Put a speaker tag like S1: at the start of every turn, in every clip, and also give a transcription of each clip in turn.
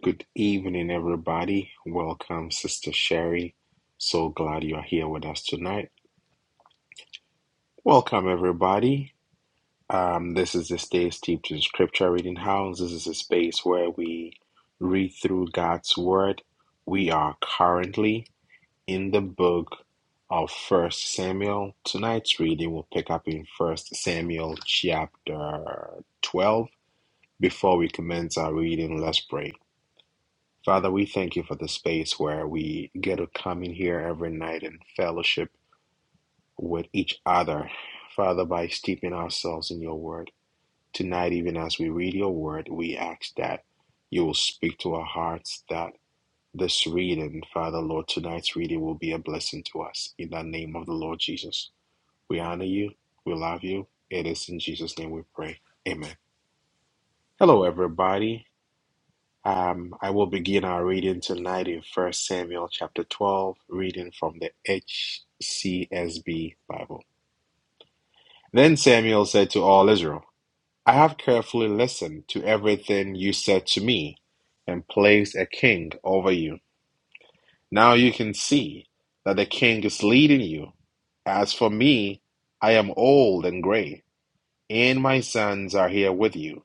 S1: Good evening, everybody. Welcome, Sister Sherry. So glad you are here with us tonight. Welcome, everybody. Um, this is the Stay Steeped in Scripture Reading House. This is a space where we read through God's Word. We are currently in the book of First Samuel. Tonight's reading will pick up in First Samuel chapter 12. Before we commence our reading, let's pray. Father, we thank you for the space where we get to come in here every night and fellowship with each other. Father, by steeping ourselves in your word. Tonight, even as we read your word, we ask that you will speak to our hearts, that this reading, Father, Lord, tonight's reading will be a blessing to us. In the name of the Lord Jesus, we honor you, we love you. It is in Jesus' name we pray. Amen. Hello, everybody. Um, I will begin our reading tonight in First Samuel chapter 12, reading from the HCSB Bible. Then Samuel said to all Israel, I have carefully listened to everything you said to me and placed a king over you. Now you can see that the king is leading you. As for me, I am old and gray, and my sons are here with you.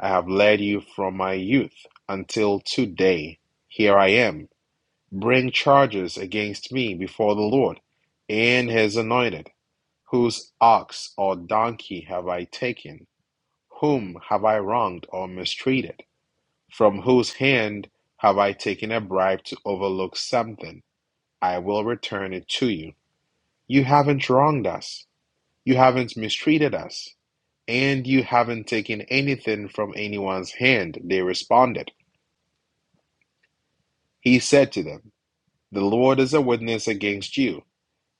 S1: I have led you from my youth until today. Here I am. bring charges against me before the Lord and his anointed? Whose ox or donkey have I taken? Whom have I wronged or mistreated? From whose hand have I taken a bribe to overlook something? I will return it to you. You haven't wronged us, you haven't mistreated us, and you haven't taken anything from anyone's hand, they responded. He said to them, The Lord is a witness against you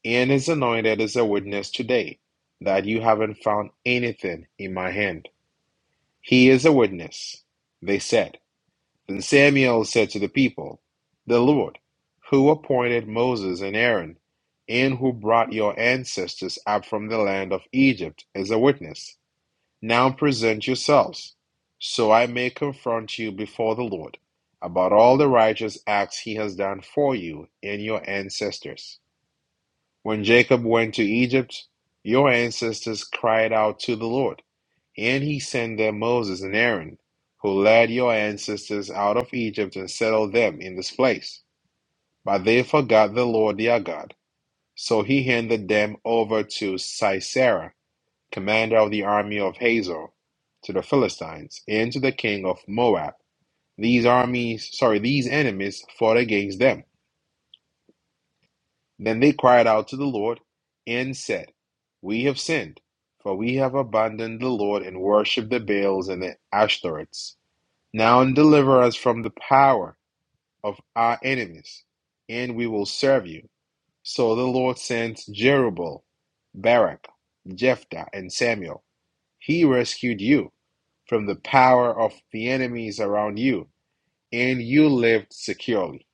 S1: and is anointed as a witness today that you haven't found anything in my hand. He is a witness, they said. Then Samuel said to the people, The Lord, who appointed Moses and Aaron, and who brought your ancestors up from the land of Egypt, is a witness. Now present yourselves, so I may confront you before the Lord about all the righteous acts he has done for you and your ancestors. When Jacob went to Egypt, your ancestors cried out to the Lord, and he sent them Moses and Aaron, who led your ancestors out of Egypt and settled them in this place. But they forgot the Lord their God, so he handed them over to Sisera, commander of the army of Hazor, to the Philistines, and to the king of Moab. These armies, sorry, these enemies fought against them Then they cried out to the Lord and said, We have sinned, for we have abandoned the Lord and worshipped the Baals and the Ashtoreths. Now deliver us from the power of our enemies, and we will serve you. So the Lord sent Jerubbaal, Barak, Jephthah, and Samuel. He rescued you from the power of the enemies around you, and you lived securely.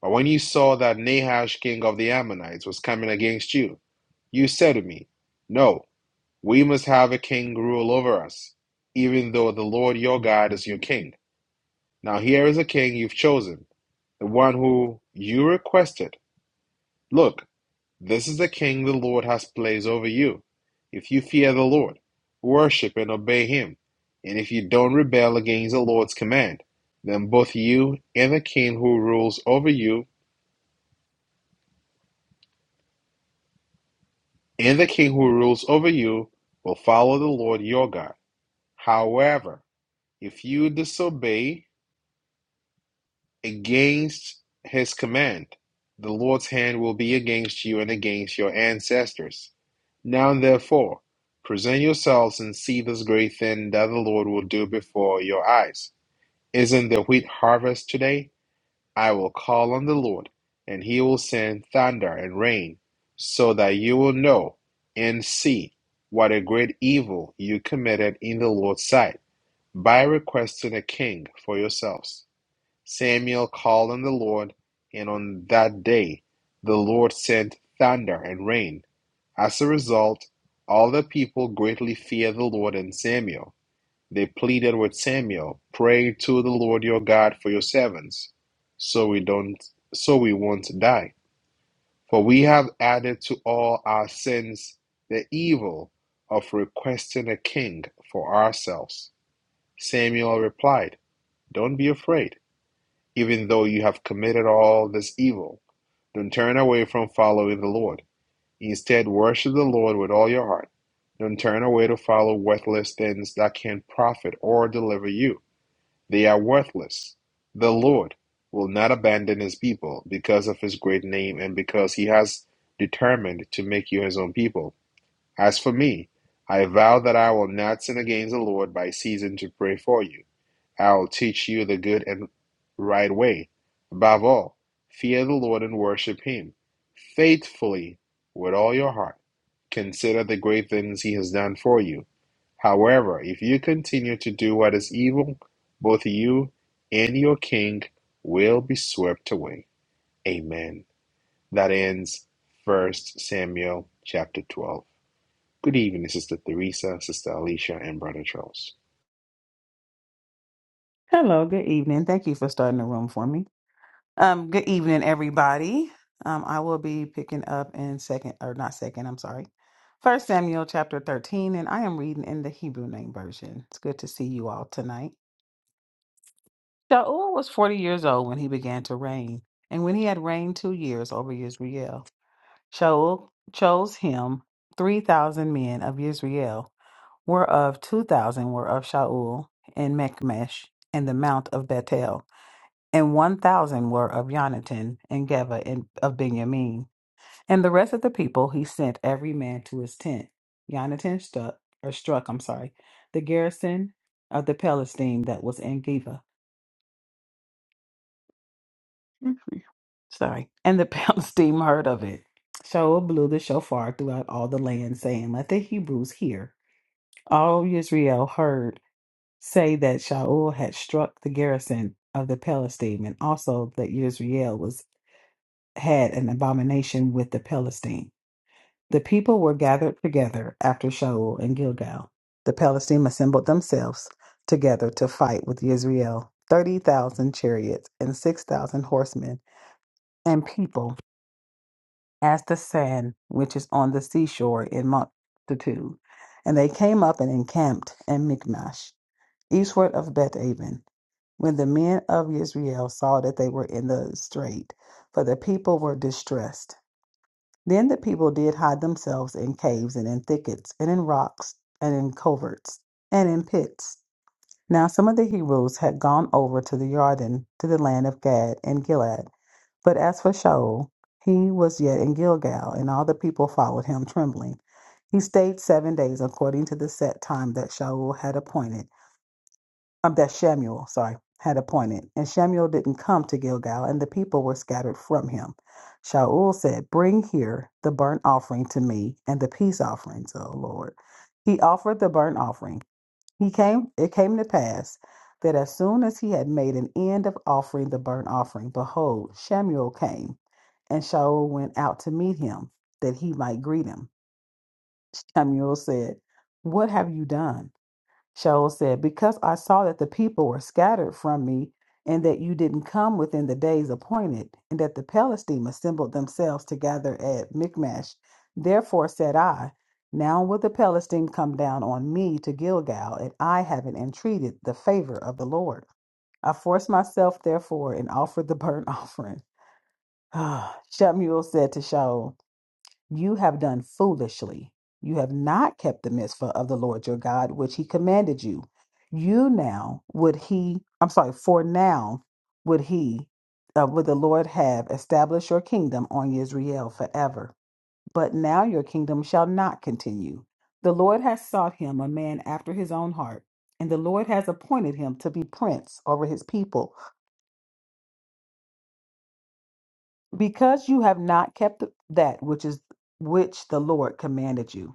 S1: But when you saw that Nahash, king of the Ammonites, was coming against you, You said to me, No, we must have a king rule over us, even though the Lord your God is your king. Now here is a king you've chosen, the one who you requested. Look, this is the king the Lord has placed over you. If you fear the Lord, worship and obey him. And if you don't rebel against the Lord's command, then both you and the king who rules over you and the king who rules over you will follow the Lord your God. However, If you disobey against his command, the Lord's hand will be against you and against your ancestors. Now, therefore, present yourselves and see this great thing that the Lord will do before your eyes. Isn't the wheat harvest today? I will call on the Lord, and he will send thunder and rain, so that you will know and see what a great evil you committed in the Lord's sight by requesting a king for yourselves. Samuel called on the Lord, and on that day the Lord sent thunder and rain. As a result, all the people greatly feared the Lord and Samuel. They pleaded with Samuel, "Pray to the Lord your God for your servants, so we don't, so we won't die. For we have added to all our sins the evil of requesting a king for ourselves." Samuel replied, "Don't be afraid." even though you have committed all this evil. Don't turn away from following the Lord. Instead, worship the Lord with all your heart. Don't turn away to follow worthless things that can profit or deliver you. They are worthless. The Lord will not abandon his people because of his great name and because he has determined to make you his own people. As for me, I vow that I will not sin against the Lord by ceasing to pray for you. I will teach you the good and right way. Above all, fear the Lord and worship him faithfully with all your heart. Consider the great things he has done for you. However, if you continue to do what is evil, both you and your king will be swept away. Amen. That ends First Samuel chapter 12. Good evening, Sister Theresa, Sister Alicia, and Brother Charles.
S2: Hello, good evening. Thank you for starting the room for me. Um, good evening, everybody. Um, I will be picking up in second or not second, I'm sorry. First Samuel chapter 13, and I am reading in the Hebrew name version. It's good to see you all tonight. Shaul was forty years old when he began to reign, and when he had reigned two years over Israel, Shaul chose him three thousand men of Israel, whereof two thousand were of Shaul in Mekmesh and the mount of Bethel and one thousand were of Jonathan and Geba and of Benjamin. And the rest of the people he sent every man to his tent. Jonathan struck or struck, I'm sorry, the garrison of the Palestine that was in Geba. Mhm. Sorry. And the Palestine heard of it. Shaul blew the shofar throughout all the land, saying, Let the Hebrews hear. All Israel heard say that Shaul had struck the garrison of the Palestine, and also that Israel was had an abomination with the Philistine. The people were gathered together after Shaul and Gilgal. The Philistine assembled themselves together to fight with Israel, 30,000 chariots and 6,000 horsemen, and people as the sand which is on the seashore in multitude. And they came up and encamped in Michmash, eastward of Beth Aven. When the men of Israel saw that they were in the strait, for the people were distressed Then the people did hide themselves in caves and in thickets and in rocks and in coverts and in pits. Now some of the Hebrews had gone over to the Jordan to the land of Gad and Gilead. But as for Shaul, he was yet in Gilgal, and all the people followed him trembling. He stayed seven days according to the set time that Shaul had appointed um, that Shamuel, sorry, had appointed. And Shamuel didn't come to Gilgal, and the people were scattered from him. Shaul said, Bring here the burnt offering to me and the peace offerings, O Lord. He offered the burnt offering. He came, it came to pass that as soon as he had made an end of offering the burnt offering, behold, Shamuel came, and Shaul went out to meet him, that he might greet him. Shamuel said, What have you done? Shaul said, Because I saw that the people were scattered from me, and that you didn't come within the days appointed, and that the Palestine assembled themselves together at Michmash. Therefore said I, Now will the Palestine come down on me to Gilgal, and I haven't entreated the favor of the Lord. I forced myself, therefore, and offered the burnt offering. Shemuel said to Shaul, you have done foolishly. You have not kept the mitzvah of the Lord your God, which he commanded you. You now would he, I'm sorry, for now would he, uh, would the Lord have established your kingdom on Israel forever. But now your kingdom shall not continue. The Lord has sought him a man after his own heart, and the Lord has appointed him to be prince over his people, because you have not kept that which is which the Lord commanded you.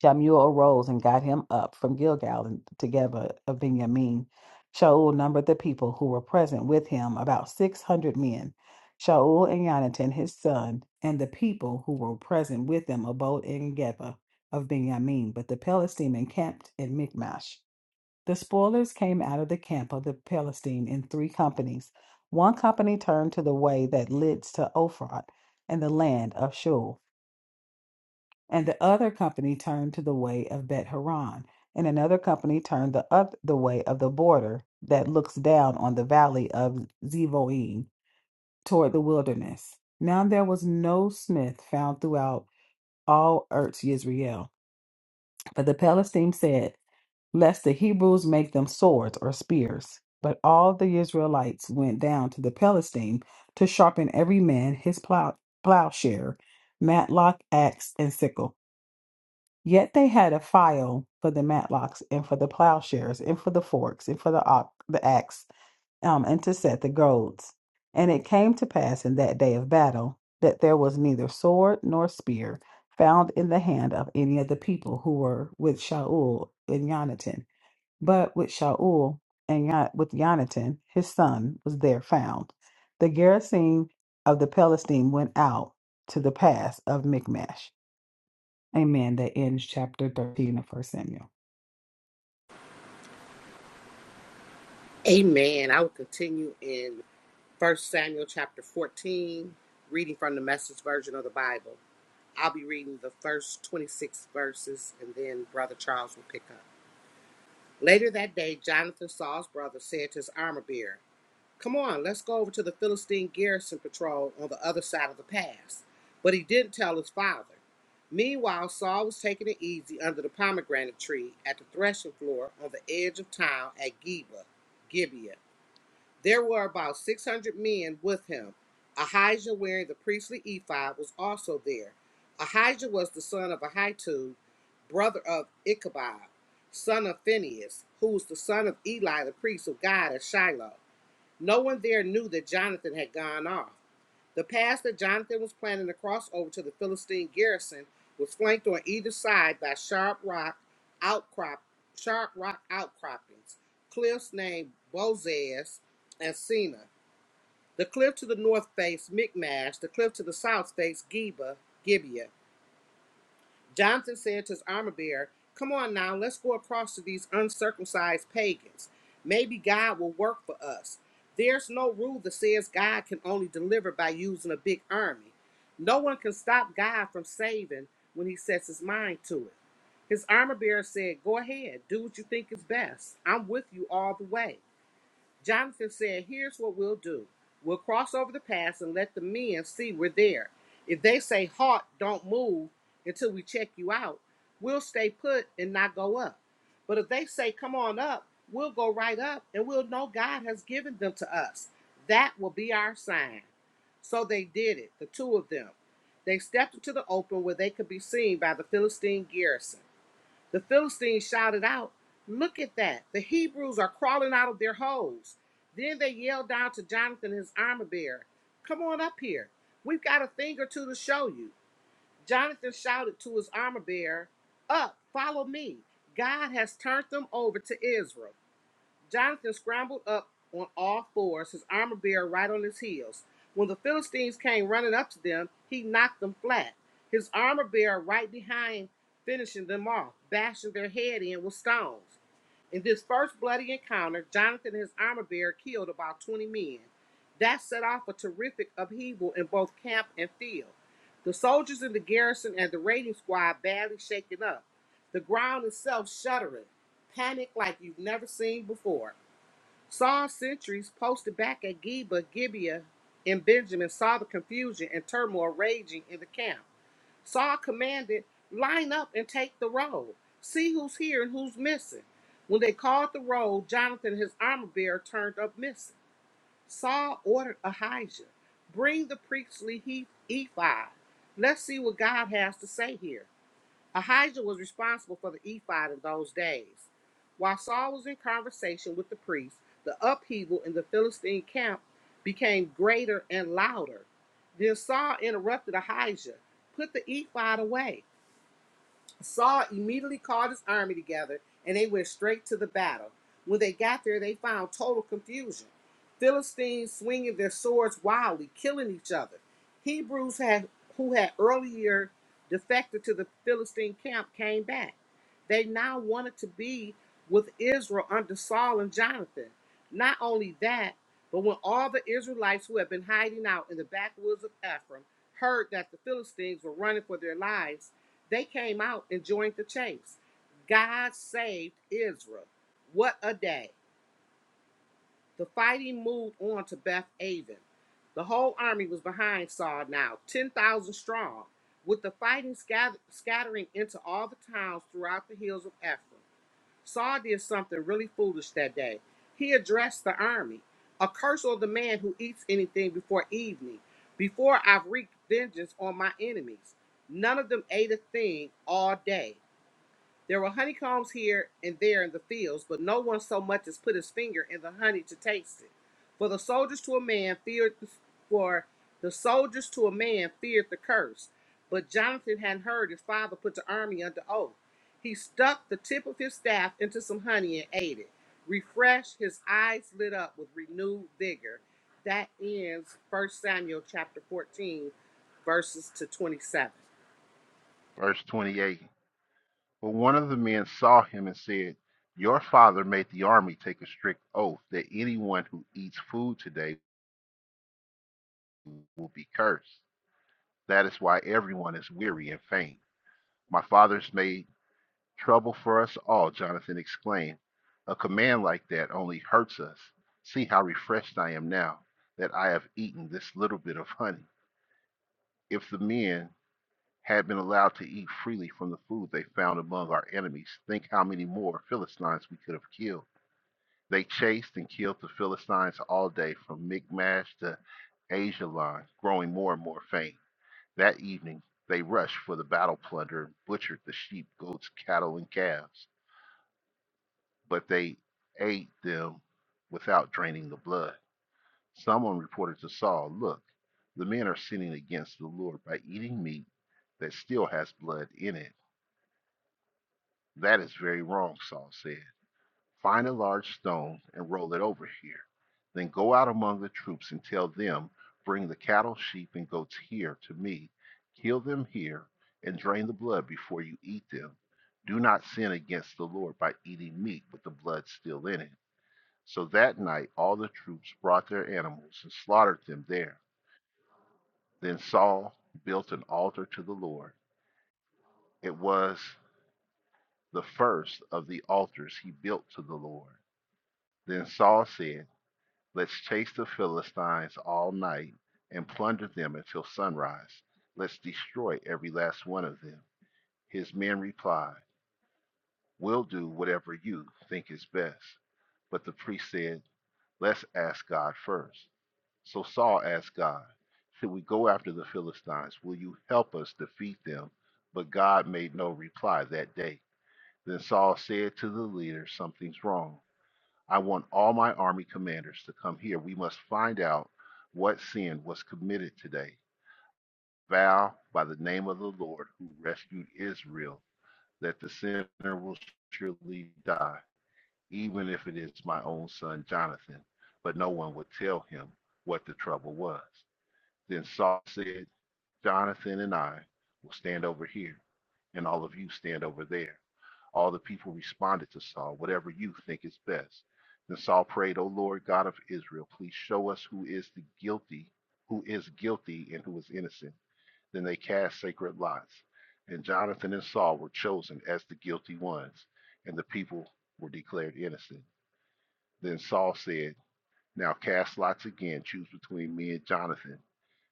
S2: Shamuel arose and got him up from Gilgal and together of Benjamin. Shaul numbered the people who were present with him, about six hundred men. Shaul and Yonatan his son, and the people who were present with them abode in Geba of Benjamin, but the Palestine encamped in Michmash. The spoilers came out of the camp of the Palestine in three companies. One company turned to the way that leads to Ophrah and the land of Shul and the other company turned to the way of Bet Horon, and another company turned the up the way of the border that looks down on the valley of Zeboim toward the wilderness. Now there was no smith found throughout all Eretz Israel, but the Palestines said, "Lest the Hebrews make them swords or spears." But all the Israelites went down to the Palestine to sharpen every man his plow plowshare, matlock, axe, and sickle. Yet they had a file for the matlocks and for the plowshares and for the forks and for the, ox, the axe um, and to set the goads. And it came to pass in that day of battle that there was neither sword nor spear found in the hand of any of the people who were with Shaul and Yonatan, but with Shaul and Yon- with Yonatan his son was there found. The garrison of the Philistine went out to the pass of Michmash. Amen. That ends chapter 13 of First Samuel.
S3: Amen. I will continue in First Samuel chapter 14, reading from the message version of the Bible. I'll be reading the first 26 verses and then Brother Charles will pick up. Later that day, Jonathan, Saul's brother, said to his armor bearer, Come on, let's go over to the Philistine garrison patrol on the other side of the pass. But he didn't tell his father. Meanwhile, Saul was taking it easy under the pomegranate tree at the threshing floor on the edge of town at Geba, Gibeah. There were about 600 men with him. Ahijah, wearing the priestly ephod, was also there. Ahijah was the son of Ahitub, brother of Ichabod, son of Phinehas, who was the son of Eli, the priest of God at Shiloh. No one there knew that Jonathan had gone off. The pass that Jonathan was planning to cross over to the Philistine garrison was flanked on either side by sharp rock outcrop, sharp rock outcroppings, cliffs named Bozez and Sina. The cliff to the north faced Michmash, the cliff to the south faced Geba, Gibeah. Jonathan said to his armor bearer, Come on now, let's go across to these uncircumcised pagans. Maybe God will work for us. There's no rule that says God can only deliver by using a big army. No one can stop God from saving when he sets his mind to it. His armor bearer said, Go ahead, do what you think is best. I'm with you all the way. Jonathan said, Here's what we'll do. We'll cross over the pass and let the men see we're there. If they say 'Halt, don't move until we check you out, we'll stay put and not go up. But if they say 'come on up, we'll go right up and we'll know God has given them to us. That will be our sign. So they did it, the two of them. They stepped into the open where they could be seen by the Philistine garrison. The Philistines shouted out, Look at that. The Hebrews are crawling out of their holes. Then they yelled down to Jonathan, his armor bearer, Come on up here. We've got a thing or two to show you. Jonathan shouted to his armor bearer, Up, follow me. God has turned them over to Israel. Jonathan scrambled up on all fours, his armor bearer right on his heels. When the Philistines came running up to them, he knocked them flat, his armor bearer right behind, finishing them off, bashing their head in with stones. In this first bloody encounter, Jonathan and his armor bearer killed about 20 men. That set off a terrific upheaval in both camp and field. The soldiers in the garrison and the raiding squad badly shaken up, the ground itself shuddering, panic like you've never seen before. Saul's sentries posted back at Geba, Gibeah, and Benjamin saw the confusion and turmoil raging in the camp. Saul commanded, Line up and take the roll. See who's here and who's missing. When they called the roll, Jonathan, and his armor bearer, turned up missing. Saul ordered Ahijah, Bring the priestly he- ephod. Let's see what God has to say here. Ahijah was responsible for the ephod in those days. While Saul was in conversation with the priest, the upheaval in the Philistine camp became greater and louder. Then Saul interrupted Ahijah, put the ephod away. Saul immediately called his army together and they went straight to the battle. When they got there, they found total confusion. Philistines swinging their swords wildly, killing each other. Hebrews had, who had earlier defected to the Philistine camp came back. They now wanted to be with Israel under Saul and Jonathan. Not only that, but when all the Israelites who had been hiding out in the backwoods of Ephraim heard that the Philistines were running for their lives, they came out and joined the chase. God saved Israel. What a day. The fighting moved on to Beth Aven. The whole army was behind Saul now, 10,000 strong, with the fighting scatter- scattering into all the towns throughout the hills of Ephraim. Saul did something really foolish that day. He addressed the army A curse on the man who eats anything before evening, before I've wreaked vengeance on my enemies. None of them ate a thing all day. There were honeycombs here and there in the fields, but no one so much as put his finger in the honey to taste it. For the soldiers to a man feared for the soldiers to a man feared the curse. But Jonathan had heard his father put the army under oath. He stuck the tip of his staff into some honey and ate it. Refreshed, his eyes lit up with renewed vigor. That ends First Samuel chapter 14, verses to 27.
S4: Verse 28. But one of the men saw him and said, Your father made the army take a strict oath that anyone who eats food today will be cursed. That is why everyone is weary and faint. My father's made trouble for us all, Jonathan exclaimed. A command like that only hurts us. See how refreshed I am now that I have eaten this little bit of honey. If the men had been allowed to eat freely from the food they found among our enemies, think how many more Philistines we could have killed. They chased and killed the Philistines all day from Michmash to Ajalon, growing more and more faint. That evening, they rushed for the battle plunder and butchered the sheep, goats, cattle, and calves, but they ate them without draining the blood. Someone reported to Saul, Look, the men are sinning against the Lord by eating meat that still has blood in it. That is very wrong, Saul said. Find a large stone and roll it over here. Then go out among the troops and tell them, Bring the cattle, sheep, and goats here to me. Kill them here and drain the blood before you eat them. Do not sin against the Lord by eating meat with the blood still in it. So that night all the troops brought their animals and slaughtered them there. Then Saul built an altar to the Lord. It was the first of the altars he built to the Lord Then Saul said, Let's chase the Philistines all night and plunder them until sunrise. Let's destroy every last one of them. His men replied, We'll do whatever you think is best. But the priest said, Let's ask God first." So Saul asked God, Should we go after the Philistines? Will you help us defeat them? But God made no reply that day. Then Saul said to the leader, Something's wrong. I want all my army commanders to come here. We must find out what sin was committed today. Vow by the name of the Lord who rescued Israel that the sinner will surely die, even if it is my own son Jonathan. But no one would tell him what the trouble was. Then Saul said, Jonathan and I will stand over here, and all of you stand over there. All the people responded to Saul, whatever you think is best. Then Saul prayed, O Lord God of Israel, please show us who is the guilty, who is guilty and who is innocent. Then they cast sacred lots. And Jonathan and Saul were chosen as the guilty ones, and the people were declared innocent. Then Saul said, Now cast lots again, choose between me and Jonathan.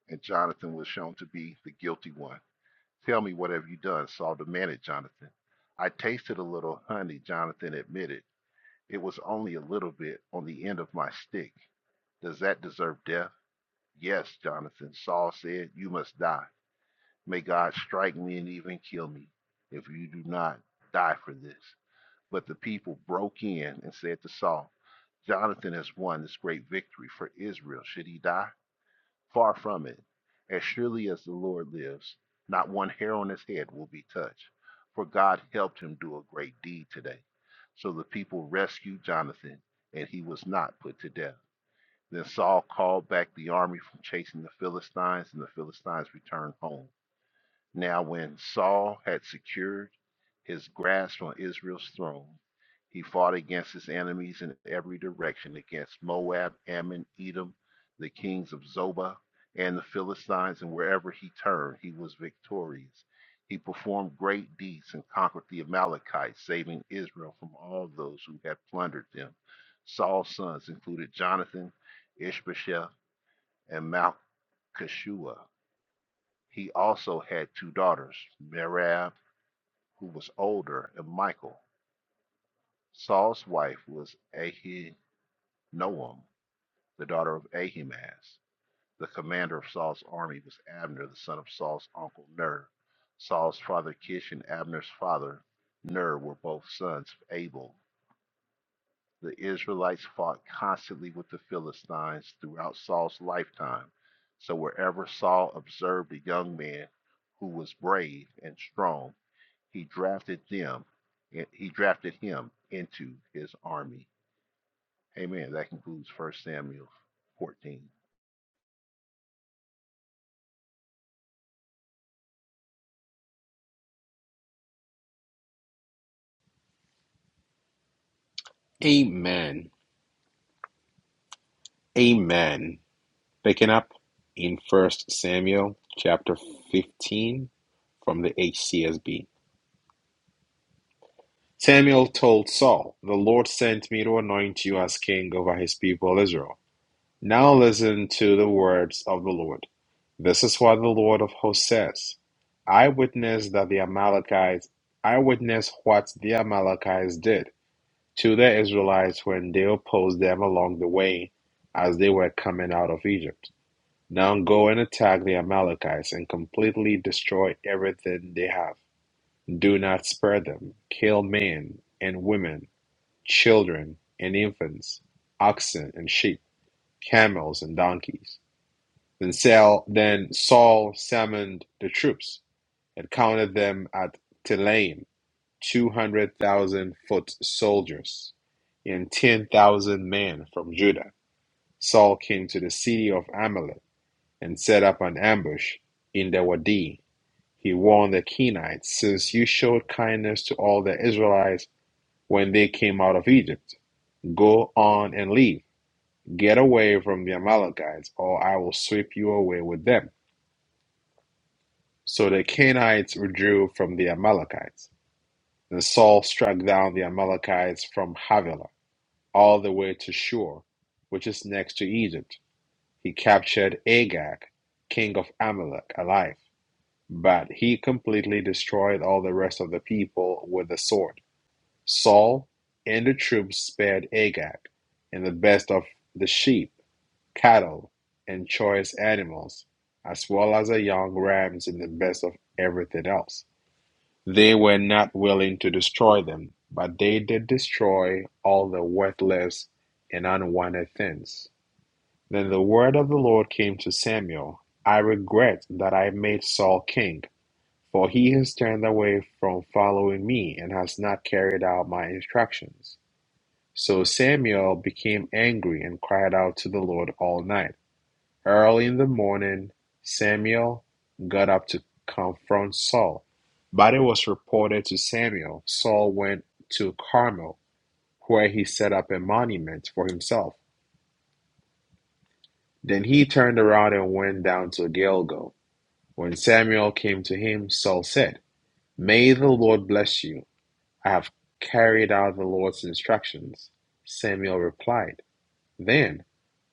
S4: And Jonathan was shown to be the guilty one. Tell me what have you done, Saul demanded Jonathan. I tasted a little honey, Jonathan admitted. It was only a little bit on the end of my stick. Does that deserve death? Yes, Jonathan, Saul said, you must die. May God strike me and even kill me if you do not die for this. But the people broke in and said to Saul, Jonathan has won this great victory for Israel. Should he die? Far from it. As surely as the Lord lives, not one hair on his head will be touched, for God helped him do a great deed today. So the people rescued Jonathan, and he was not put to death. Then Saul called back the army from chasing the Philistines, and the Philistines returned home. Now, when Saul had secured his grasp on Israel's throne, he fought against his enemies in every direction against Moab, Ammon, Edom, the kings of Zobah, and the Philistines, and wherever he turned, he was victorious. He performed great deeds and conquered the Amalekites, saving Israel from all those who had plundered them. Saul's sons included Jonathan, Ishbosheth, and Malchishua. He also had two daughters, Merab, who was older, and Michael. Saul's wife was Ahinoam, the daughter of Ahimaaz. The commander of Saul's army was Abner, the son of Saul's uncle Ner. Saul's father Kish and Abner's father Ner were both sons of Abel. The Israelites fought constantly with the Philistines throughout Saul's lifetime. So wherever Saul observed a young man who was brave and strong, He drafted them. He drafted him into his army. Amen. That concludes 1 Samuel 14:29.
S1: Amen. Amen. Picking up in First Samuel chapter 15 from the HCSB. Samuel told Saul, The Lord sent me to anoint you as king over his people Israel. Now listen to the words of the Lord. This is what the Lord of hosts says I witnessed that the Amalekites, I witnessed what the Amalekites did to the Israelites when they opposed them along the way as they were coming out of Egypt. Now go and attack the Amalekites and completely destroy everything they have. Do not spare them. Kill men and women, children and infants, oxen and sheep, camels and donkeys. Then Saul, then Saul summoned the troops and counted them at Telaim 200,000 foot soldiers and 10,000 men from Judah. Saul came to the city of Amalek and set up an ambush in the Wadi. He warned the Kenites, Since you showed kindness to all the Israelites when they came out of Egypt, go on and leave. Get away from the Amalekites, or I will sweep you away with them. So the Kenites withdrew from the Amalekites, and Saul struck down the Amalekites from Havilah all the way to Shur, which is next to Egypt. He captured Agag, king of Amalek, alive, but he completely destroyed all the rest of the people with the sword. Saul and the troops spared Agag and the best of the sheep, cattle, and choice animals, as well as the young rams and the best of everything else. They were not willing to destroy them, but they did destroy all the worthless and unwanted things. Then the word of the Lord came to Samuel I regret that I made Saul king, for he has turned away from following me and has not carried out my instructions. So Samuel became angry and cried out to the Lord all night. Early in the morning, Samuel got up to confront Saul, but it was reported to Samuel. Saul went to Carmel, where he set up a monument for himself. Then he turned around and went down to Gilgal. When Samuel came to him, Saul said, May the Lord bless you. I have carried out the Lord's instructions. Samuel replied, Then,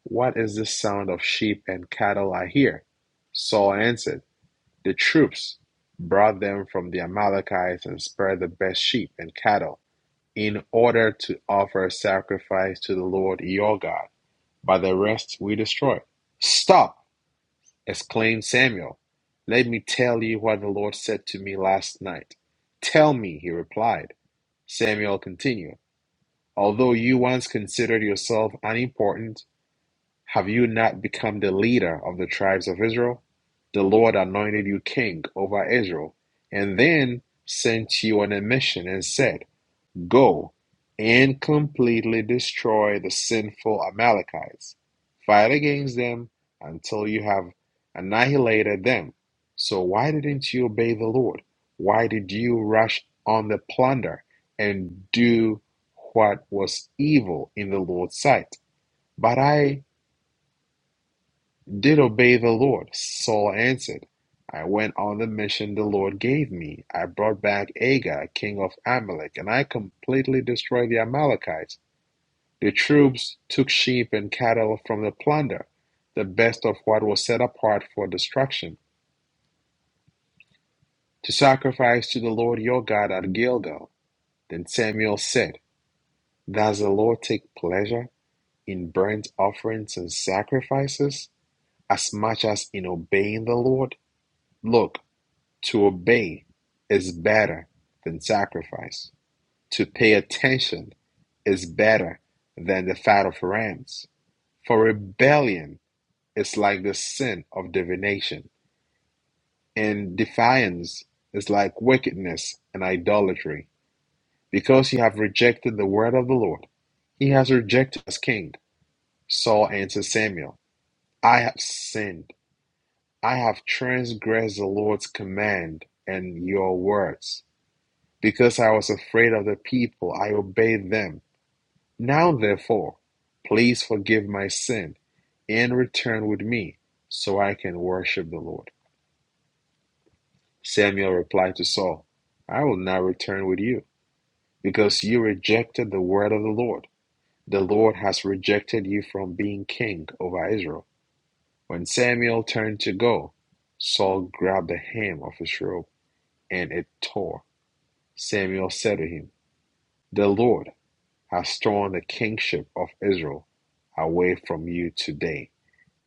S1: what is this sound of sheep and cattle I hear? Saul answered, The troops brought them from the Amalekites and spared the best sheep and cattle, in order to offer sacrifice to the Lord your God. But the rest we destroyed. Stop! exclaimed Samuel. Let me tell you what the Lord said to me last night. Tell me, he replied. Samuel continued, Although you once considered yourself unimportant, have you not become the leader of the tribes of Israel? The Lord anointed you king over Israel, and then sent you on a mission and said, Go and completely destroy the sinful Amalekites. Fight against them until you have annihilated them. So, why didn't you obey the Lord? Why did you rush on the plunder and do what was evil in the Lord's sight? But I did obey the Lord. Saul answered, I went on the mission the Lord gave me. I brought back Agag, king of Amalek, and I completely destroyed the Amalekites. The troops took sheep and cattle from the plunder, the best of what was set apart for destruction, to sacrifice to the Lord your God at Gilgal. Then Samuel said, Does the Lord take pleasure in burnt offerings and sacrifices as much as in obeying the Lord? Look, To obey is better than sacrifice; to pay attention is better than the fat of rams. For rebellion is like the sin of divination, and defiance is like wickedness and idolatry. Because you have rejected the word of the Lord, he has rejected as king. Saul answered Samuel, I have sinned. I have transgressed the Lord's command and your words. Because I was afraid of the people, I obeyed them. Now, therefore, please forgive my sin and return with me so I can worship the Lord. Samuel replied to Saul, I will not return with you because you rejected the word of the Lord. The Lord has rejected you from being king over Israel. When Samuel turned to go, Saul grabbed the hem of his robe and it tore. Samuel said to him, The Lord has torn the kingship of Israel away from you today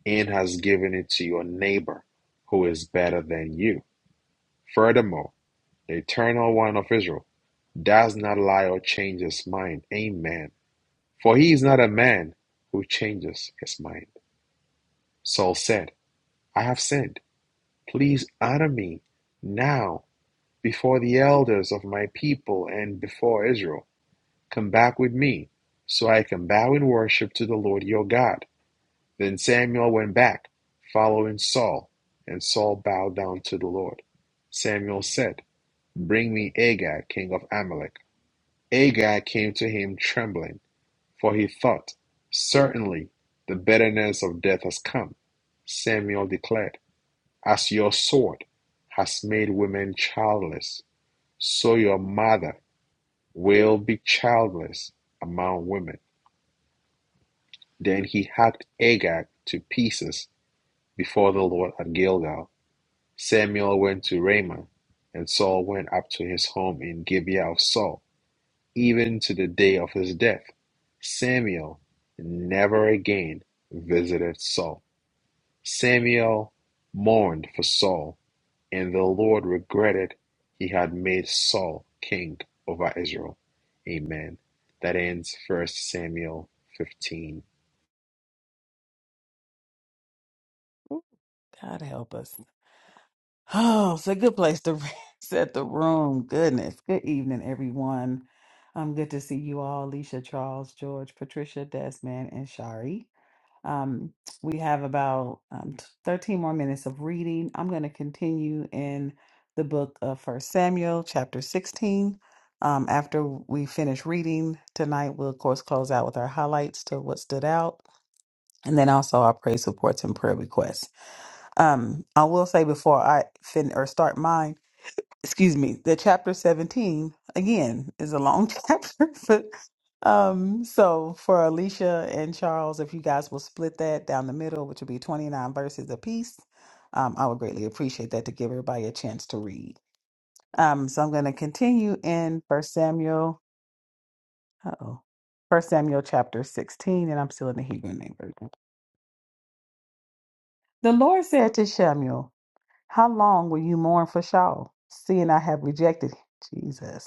S1: and has given it to your neighbor who is better than you. Furthermore, the Eternal One of Israel does not lie or change his mind. Amen. For he is not a man who changes his mind. Saul said, I have sinned. Please honor me now before the elders of my people and before Israel. Come back with me so I can bow in worship to the Lord your God. Then Samuel went back, following Saul, and Saul bowed down to the Lord. Samuel said, Bring me Agag, king of Amalek. Agag came to him trembling, for he thought, Certainly the bitterness of death has come. Samuel declared, As your sword has made women childless, so your mother will be childless among women. Then he hacked Agag to pieces before the Lord at Gilgal. Samuel went to Ramah, and Saul went up to his home in Gibeah of Saul, even to the day of his death. Samuel never again visited Saul. Samuel mourned for Saul, and the Lord regretted he had made Saul king over Israel. Amen. That ends First Samuel 15.
S2: Ooh, God help us. Oh, it's a good place to set the room. Goodness. Good evening, everyone. Um, good to see you all, Alicia, Charles, George, Patricia, Desmond, and Shari. Um, we have about um, t- 13 more minutes of reading. I'm going to continue in the book of First Samuel, chapter 16. Um, after we finish reading tonight, we'll of course close out with our highlights to what stood out, and then also our praise reports and prayer requests. Um, I will say before I fin or start mine excuse me, the chapter 17 again is a long chapter, but um, so for Alicia and Charles, if you guys will split that down the middle, which would be 29 verses apiece, um, I would greatly appreciate that to give everybody a chance to read. Um, so I'm going to continue in First Samuel, uh-oh, First Samuel chapter 16, and I'm still in the Hebrew name version. The Lord said to Samuel, How long will you mourn for Saul, seeing I have rejected him? Jesus.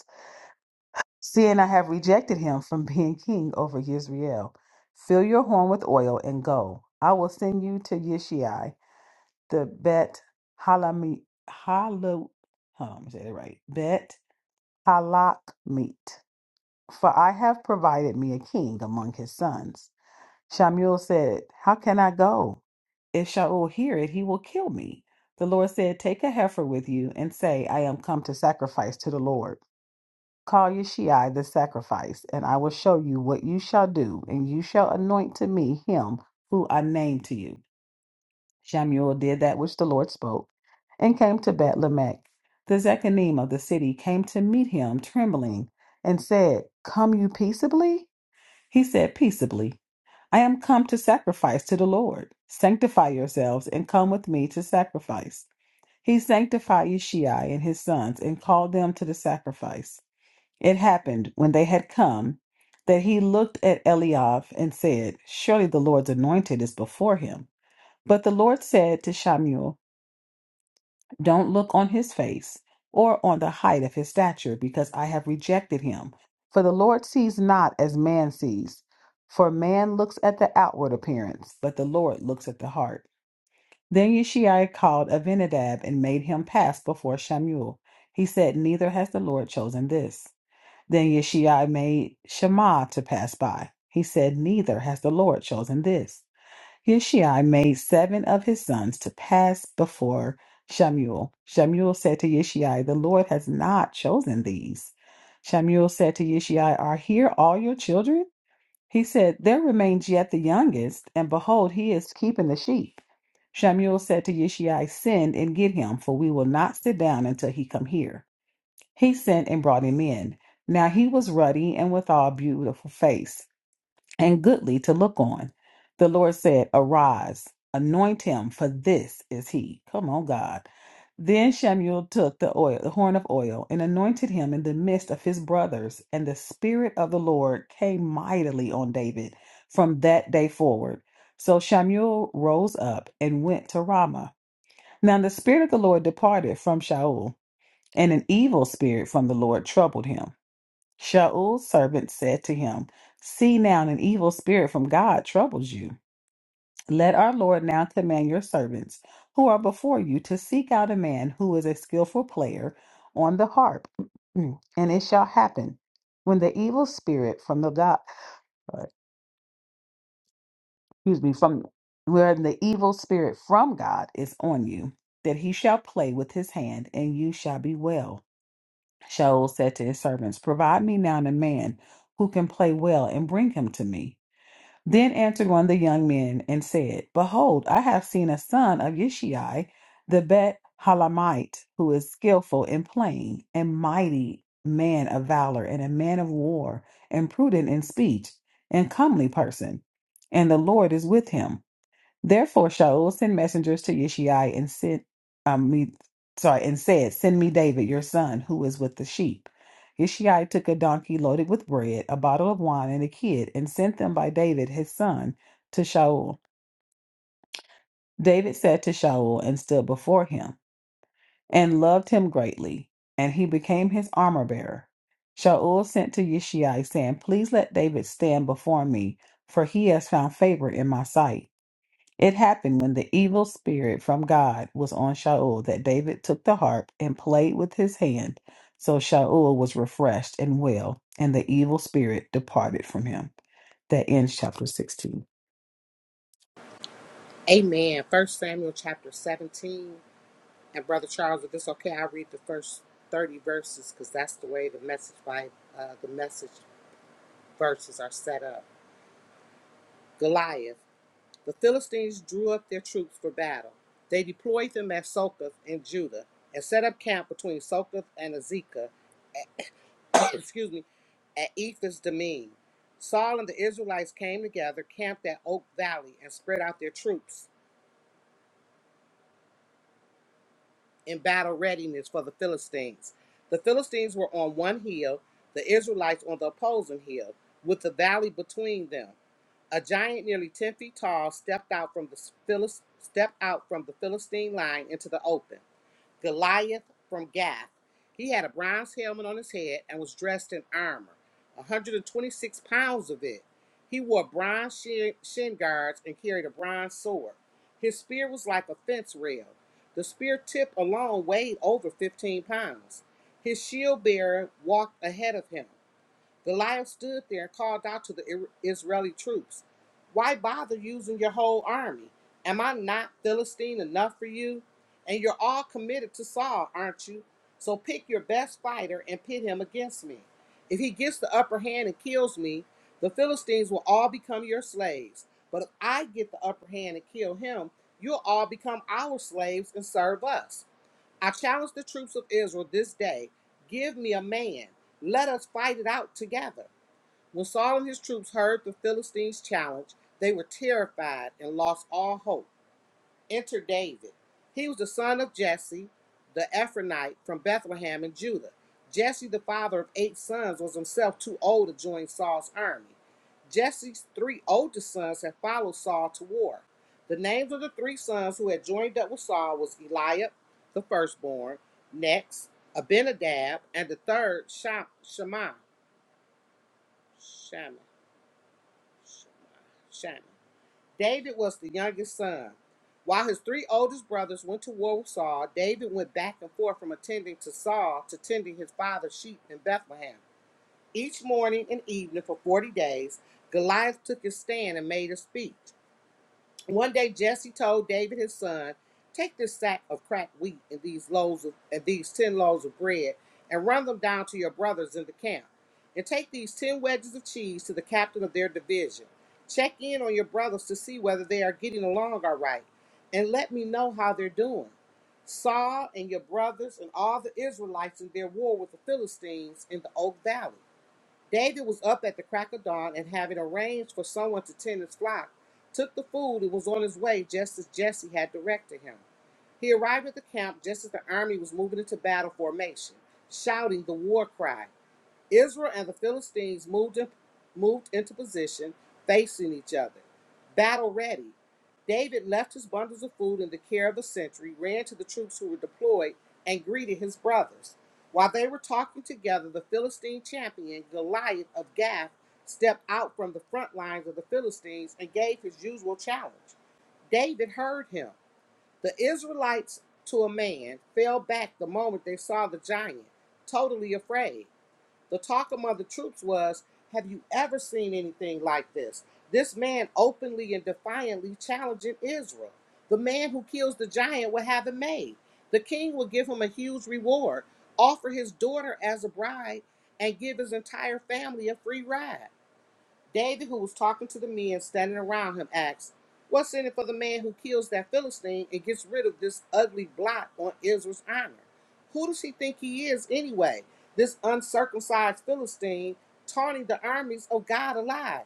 S2: seeing I have rejected him from being king over Yisrael. Fill your horn with oil and go. I will send you to Yishai, the Bet Halami Halo. Hold on, let me say that right. Bet Halakmit. For I have provided me a king among his sons. Shamuel said, How can I go? If Shaul hear it, he will kill me. The Lord said, Take a heifer with you and say, I am come to sacrifice to the Lord. Call Yeshai the sacrifice, and I will show you what you shall do, and you shall anoint to me him who I name to you. Shamuel did that which the Lord spoke, and came to Beth Lamech. The Zechanim of the city came to meet him, trembling, and said, Come you peaceably? He said, Peaceably. I am come to sacrifice to the Lord. Sanctify yourselves, and come with me to sacrifice. He sanctified Yeshai and his sons, and called them to the sacrifice. It happened when they had come that he looked at Eliab and said, Surely the Lord's anointed is before him. But the Lord said to Shamuel, Don't look on his face or on the height of his stature, because I have rejected him. For the Lord sees not as man sees. For man looks at the outward appearance, but the Lord looks at the heart. Then Yeshai called Abinadab and made him pass before Shamuel. He said, Neither has the Lord chosen this. Then Yeshua made Shammah to pass by. He said, Neither has the Lord chosen this. Yeshua made seven of his sons to pass before Shamuel. Shamuel said to Yeshua, The Lord has not chosen these. Shamuel said to Yeshua, Are here all your children? He said, There remains yet the youngest, and behold, he is keeping the sheep. Shamuel said to Yeshua, Send and get him, for we will not sit down until he come here. He sent and brought him in. Now he was ruddy and withal beautiful face, and goodly to look on. The Lord said, Arise, anoint him, for this is he. Come on, God. Then Samuel took the oil, the horn of oil, and anointed him in the midst of his brothers, and the Spirit of the Lord came mightily on David from that day forward. So Samuel rose up and went to Ramah. Now the Spirit of the Lord departed from Shaul and an evil spirit from the Lord troubled him. Shaul's servant said to him, See now, an evil spirit from God troubles you. Let our Lord now command your servants who are before you to seek out a man who is a skillful player on the harp. Mm. And it shall happen when the evil spirit from the God, uh, excuse me, from when the evil spirit from God is on you, that he shall play with his hand and you shall be well. Shaul said to his servants, Provide me now a man who can play well and bring him to me. Then answered one of the young men and said, Behold, I have seen a son of Yishai the Bet Halamite, who is skillful in playing, and mighty man of valor, and a man of war, and prudent in speech, and comely person. And the Lord is with him. Therefore, Shaul sent messengers to Yishai and sent um, me, sorry, and said, "Send me David, your son, who is with the sheep." Yishai took a donkey loaded with bread, a bottle of wine, and a kid, and sent them by David his son to Shaul. David said to Shaul and stood before him, and loved him greatly, and he became his armor bearer. Shaul sent to Yishai, saying, "Please let David stand before me, for he has found favor in my sight." It happened when the evil spirit from God was on Shaul that David took the harp and played with his hand. So Shaul was refreshed and well, and the evil spirit departed from him. That ends chapter 16.
S3: Amen. First Samuel chapter 17. And Brother Charles, if it's okay, I'll read the first 30 verses because that's the way the message by uh, the message verses are set up. Goliath. The Philistines drew up their troops for battle. They deployed them at Sokoth in Judah and set up camp between Sokoth and Azekah, excuse me, at Ephes Demeen. Saul and the Israelites came together, camped at Oak Valley, and spread out their troops. in battle readiness for the Philistines. The Philistines were on one hill, the Israelites on the opposing hill, with the valley between them. A giant nearly 10 feet tall stepped out from the Philist- stepped out from the Philistine line into the open. Goliath from Gath. He had a bronze helmet on his head and was dressed in armor, 126 pounds of it. He wore bronze shin, shin guards and carried a bronze sword. His spear was like a fence rail. The spear tip alone weighed over 15 pounds. His shield bearer walked ahead of him. The lion stood there and called out to the Israeli troops, Why bother using your whole army? Am I not Philistine enough for you? And you're all committed to Saul, aren't you? So pick your best fighter and pit him against me. If he gets the upper hand and kills me, the Philistines will all become your slaves. But if I get the upper hand and kill him, you'll all become our slaves and serve us. I challenge the troops of Israel this day give me a man. Let us fight it out together. When Saul and his troops heard the Philistines' challenge, they were terrified and lost all hope. Enter David. He was the son of Jesse, the Ephronite from Bethlehem in Judah. Jesse, the father of eight sons, was himself too old to join Saul's army. Jesse's three oldest sons had followed Saul to war. The names of the three sons who had joined up with Saul was Eliab, the firstborn, next Abinadab, and the third Shammah. Shammah. Shammah. Shammah. David was the youngest son. While his three oldest brothers went to war with Saul, David went back and forth from attending to Saul to tending his father's sheep in Bethlehem. Each morning and evening for 40 days, Goliath took his stand and made a speech. One day Jesse told David his son, Take this sack of cracked wheat and these loaves of, and these ten loaves of bread, and run them down to your brothers in the camp. And take these ten wedges of cheese to the captain of their division. Check in on your brothers to see whether they are getting along all right, and let me know how they're doing. Saul and your brothers and all the Israelites in their war with the Philistines in the Oak Valley. David was up at the crack of dawn and having arranged for someone to tend his flock, took the food and was on his way just as Jesse had directed him. He arrived at the camp just as the army was moving into battle formation, shouting the war cry. Israel and the Philistines moved, in- moved into position, facing each other, battle ready. David left his bundles of food in the care of the sentry, ran to the troops who were deployed, and greeted his brothers. While they were talking together, the Philistine champion, Goliath of Gath, stepped out from the front lines of the Philistines and gave his usual challenge. David heard him. The Israelites, to a man, fell back the moment they saw the giant, totally afraid. The talk among the troops was, Have you ever seen anything like this? This man openly and defiantly challenging Israel. The man who kills the giant will have it made. The king will give him a huge reward, offer his daughter as a bride, and give his entire family a free ride. David, who was talking to the men standing around him, asked, What's in it for the man who kills that Philistine and gets rid of this ugly blot on Israel's honor? Who does he think he is anyway? This uncircumcised Philistine taunting the armies of God alive.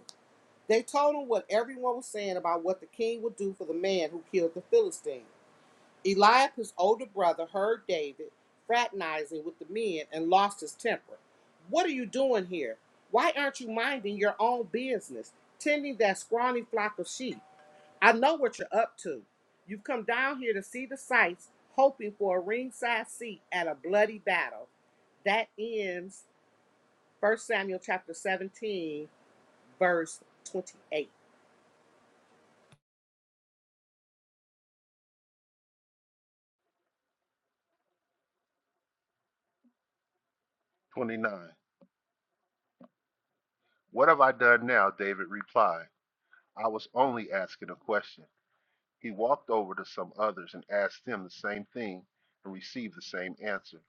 S3: They told him what everyone was saying about what the king would do for the man who killed the Philistine. Eliaph's older brother heard David fraternizing with the men and lost his temper. What are you doing here? Why aren't you minding your own business, tending that scrawny flock of sheep? I know what you're up to. You've come down here to see the sights, hoping for a ringside seat at a bloody battle. That ends 1 Samuel chapter 17, verse 28.
S4: What have I done now? David replied. I was only asking a question. He walked over to some others and asked them the same thing and received the same answer.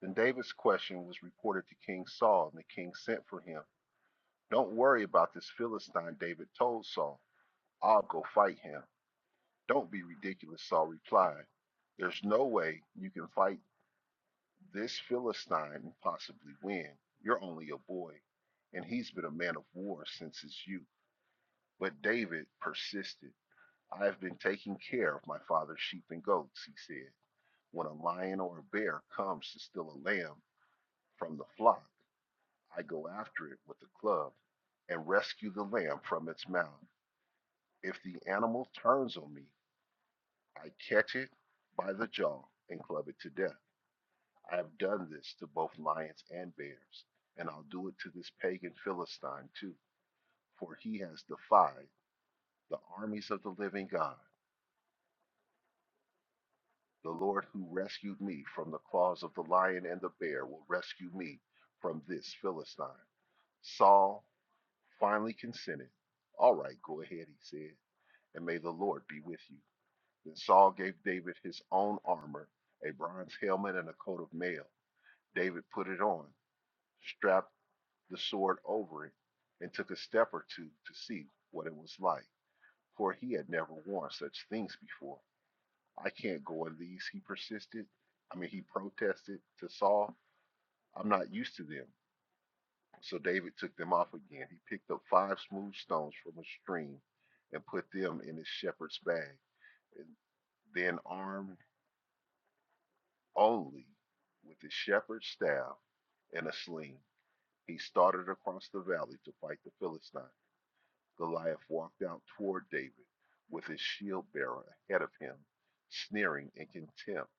S4: Then David's question was reported to King Saul, and the king sent for him. Don't worry about this Philistine, David told Saul. I'll go fight him. Don't be ridiculous, Saul replied. There's no way you can fight this Philistine and possibly win. You're only a boy, and he's been a man of war since his youth. But David persisted. I have been taking care of my father's sheep and goats, he said. When a lion or a bear comes to steal a lamb from the flock, I go after it with a club and rescue the lamb from its mouth. If the animal turns on me, I catch it by the jaw and club it to death. I have done this to both lions and bears, and I'll do it to this pagan Philistine too, for he has defied the armies of the living God. The Lord who rescued me from the claws of the lion and the bear will rescue me from this Philistine. Saul finally consented. All right, go ahead, he said, and may the Lord be with you. Then Saul gave David his own armor, a bronze helmet and a coat of mail. David put it on, strapped the sword over it and took a step or two to see what it was like, for he had never worn such things before. I can't go in these, he persisted. I mean, he protested to Saul. I'm not used to them. So David took them off again. He picked up five smooth stones from a stream and put them in his shepherd's bag. And then, armed only with his shepherd's staff and a sling, he started across the valley to fight the Philistines. Goliath walked out toward David with his shield bearer ahead of him, sneering in contempt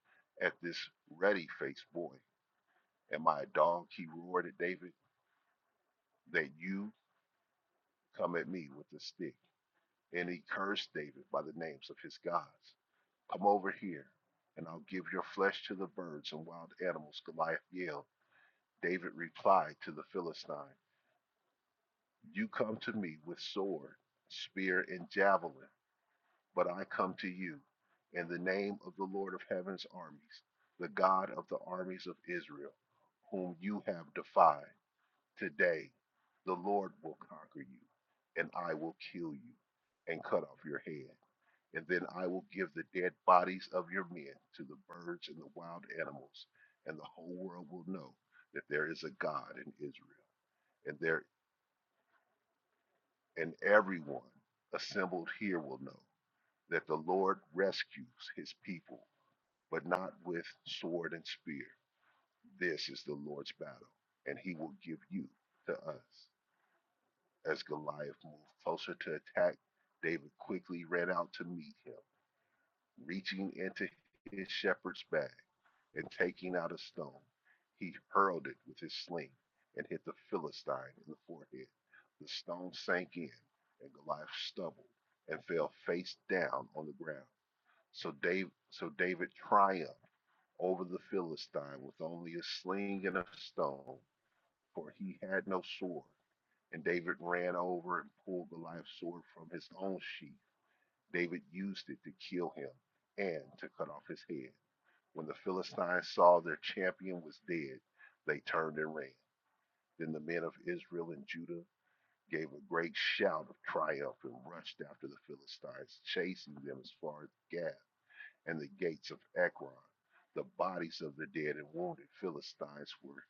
S4: at this ready faced boy. Am I a dog? He roared at David, that you come at me with a stick. And he cursed David by the names of his gods. Come over here, and I'll give your flesh to the birds and wild animals, Goliath yelled. David replied to the Philistine, You come to me with sword, spear, and javelin but I come to you in the name of the Lord of heaven's armies, the God of the armies of Israel, whom you have defied. Today, the Lord will conquer you, and I will kill you and cut off your head. And then I will give the dead bodies of your men to the birds and the wild animals, and the whole world will know that there is a God in Israel. And there and everyone assembled here will know that the Lord rescues his people but not with sword and spear. This is the Lord's battle, and he will give you to us. As Goliath moved closer to attack, David quickly ran out to meet him. Reaching into his shepherd's bag and taking out a stone, he hurled it with his sling and hit the Philistine in the forehead. The stone sank in, and Goliath stumbled and fell face down on the ground. So David, so David triumphed over the Philistine with only a sling and a stone, for he had no sword. And David ran over and pulled the live sword from his own sheath. David used it to kill him and to cut off his head. When the Philistines saw their champion was dead, they turned and ran. Then the men of Israel and Judah gave a great shout of triumph and rushed after the Philistines, chasing them as far as Gath and the gates of Ekron. The bodies of the dead and wounded Philistines were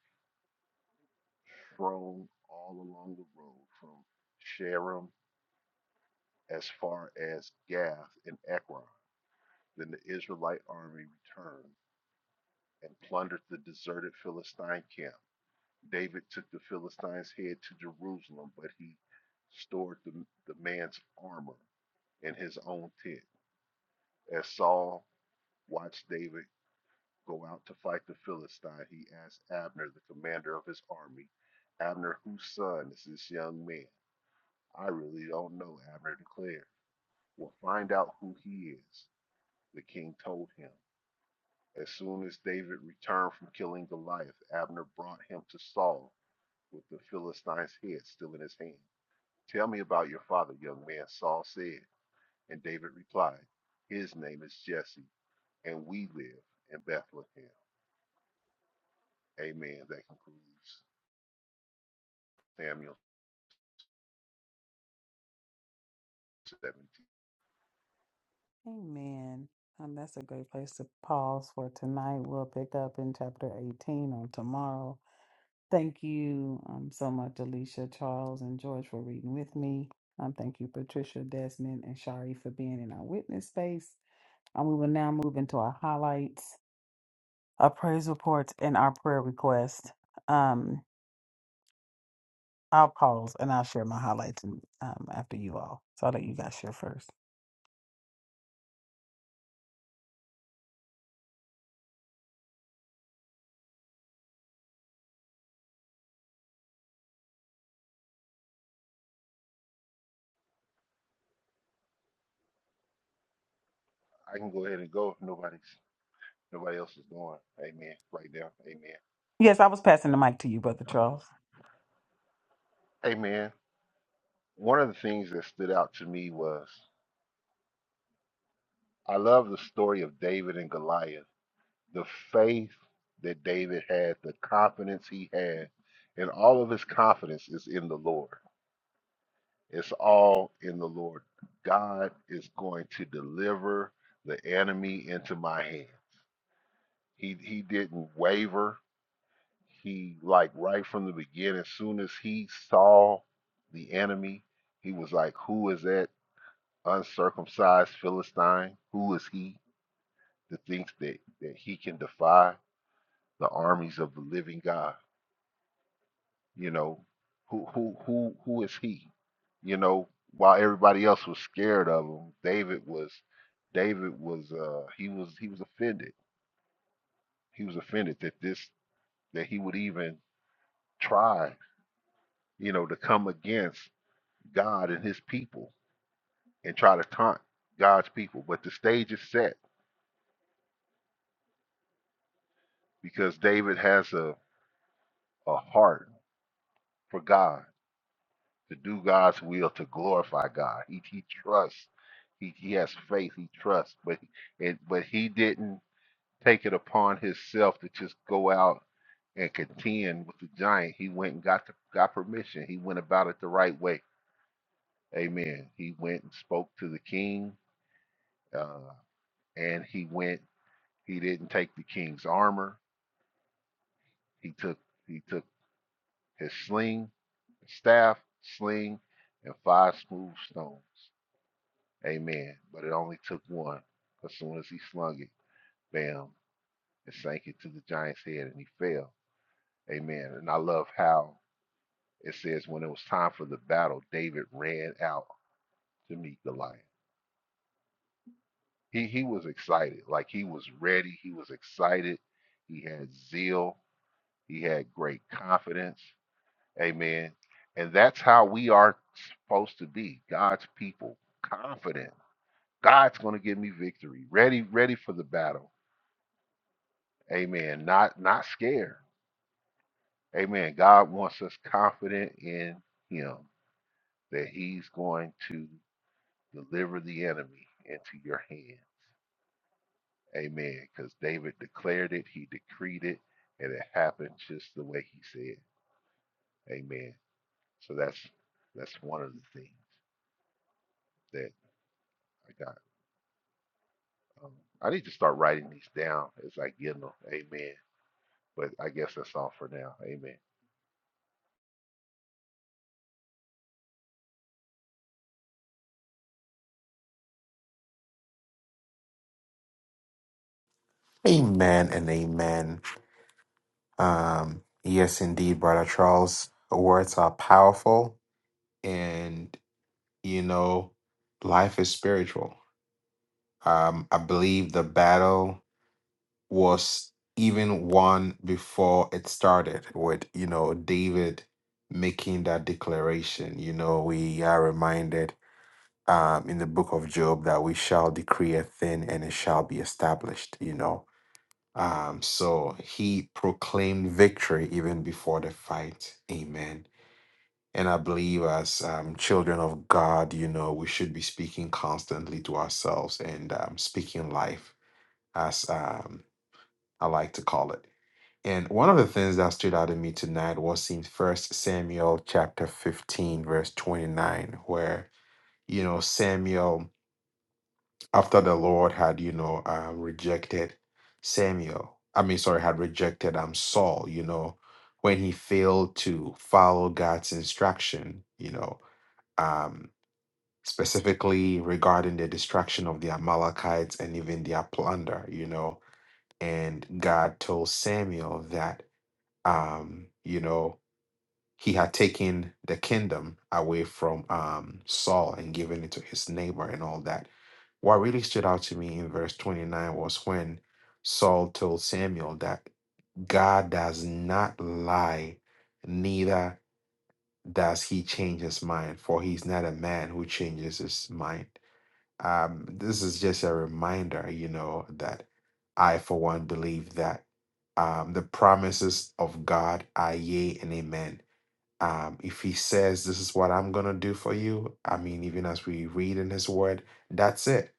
S4: thrown all along the road from Sharon as far as Gath and Ekron. Then the Israelite army returned and plundered the deserted Philistine camp. David took the Philistine's head to Jerusalem, but he stored the, the man's armor in his own tent. As Saul watched David Go out to fight the Philistine, he asked Abner, the commander of his army. Abner, whose son is this young man? I really don't know, Abner declared. We'll find out who he is, the king told him. As soon as David returned from killing Goliath, Abner brought him to Saul with the Philistine's head still in his hand. Tell me about your father, young man, Saul said. And David replied, His name is Jesse, and we live in Bethlehem. Amen. That concludes Samuel 17.
S2: Amen. Um, that's a great place to pause for tonight. We'll pick up in chapter 18 on tomorrow. Thank you um, so much, Alicia, Charles, and George for reading with me. Um, thank you, Patricia, Desmond, and Shari for being in our witness space. And we will now move into our highlights, our praise reports, and our prayer requests. Um, I'll pause and I'll share my highlights and, um, after you all. So I'll let you guys share first.
S4: I can go ahead and go nobody's nobody else is going. Amen. Right now. Amen.
S2: Yes, I was passing the mic to you, Brother Charles.
S4: Amen. One of the things that stood out to me was I love the story of David and Goliath, the faith that David had, the confidence he had, and all of his confidence is in the Lord. It's all in the Lord. God is going to deliver the enemy into my hand. He he didn't waver He like right from the beginning, as soon as he saw the enemy, he was like, Who is that uncircumcised Philistine? Who is he that thinks that, that he can defy the armies of the living God? You know, who who who who is he? You know, while everybody else was scared of him, David was David was uh he was he was offended. He was offended that this that he would even try, you know, to come against God and his people and try to taunt God's people. But the stage is set because David has a, a heart for God, to do God's will, to glorify God. He, he trusts, he, he has faith, he trusts, but, and, but he didn't take it upon himself to just go out and contend with the giant. He went and got, the, got permission. He went about it the right way. Amen. He went and spoke to the king, uh, and he went, he didn't take the king's armor He took he took his sling, his staff, sling, and five smooth stones. Amen. But it only took one. As soon as he slung it, bam, it sank into the giant's head and he fell. Amen. And I love how it says when it was time for the battle, David ran out to meet the lion. He he was excited. Like he was ready. He was excited. He had zeal. He had great confidence. Amen. And that's how we are supposed to be, God's people, confident. God's going to give me victory. Ready, ready for the battle. Amen. Not not scared. Amen. God wants us confident in him that he's going to deliver the enemy into your hand. Amen. Cuz David declared it, he decreed it, and it happened just the way he said. Amen. So that's that's one of the things that I got. I need to start writing these down as I get them. Amen. But I guess that's all for now. Amen.
S1: Amen and amen. Um, yes, indeed, Brother Charles. Words are powerful. and you know life is spiritual um i believe the battle was even won before it started with you know david making that declaration you know we are reminded um in the book of job that we shall decree a thing and it shall be established you know um so he proclaimed victory even before the fight amen And I believe as um, children of God, you know, we should be speaking constantly to ourselves and um, speaking life, as um, I like to call it. And one of the things that stood out to me tonight was in First Samuel chapter 15, verse 29, where, you know, Samuel, after the Lord had, you know, um, rejected Samuel, I mean, sorry, had rejected um, Saul, you know, when he failed to follow God's instruction, you know. um, specifically regarding the destruction of the Amalekites and even their plunder, you know. And God told Samuel that, um, you know, he had taken the kingdom away from um, Saul and given it to his neighbor and all that. What really stood out to me in verse 29 was when Saul told Samuel that God does not lie, neither does he change his mind, for he's not a man who changes his mind um, this is just a reminder, you know, that I, for one, believe that um, the promises of God are yea and amen. Um, if He says, This is what I'm going to do for you, I mean, even as we read in His Word, that's it.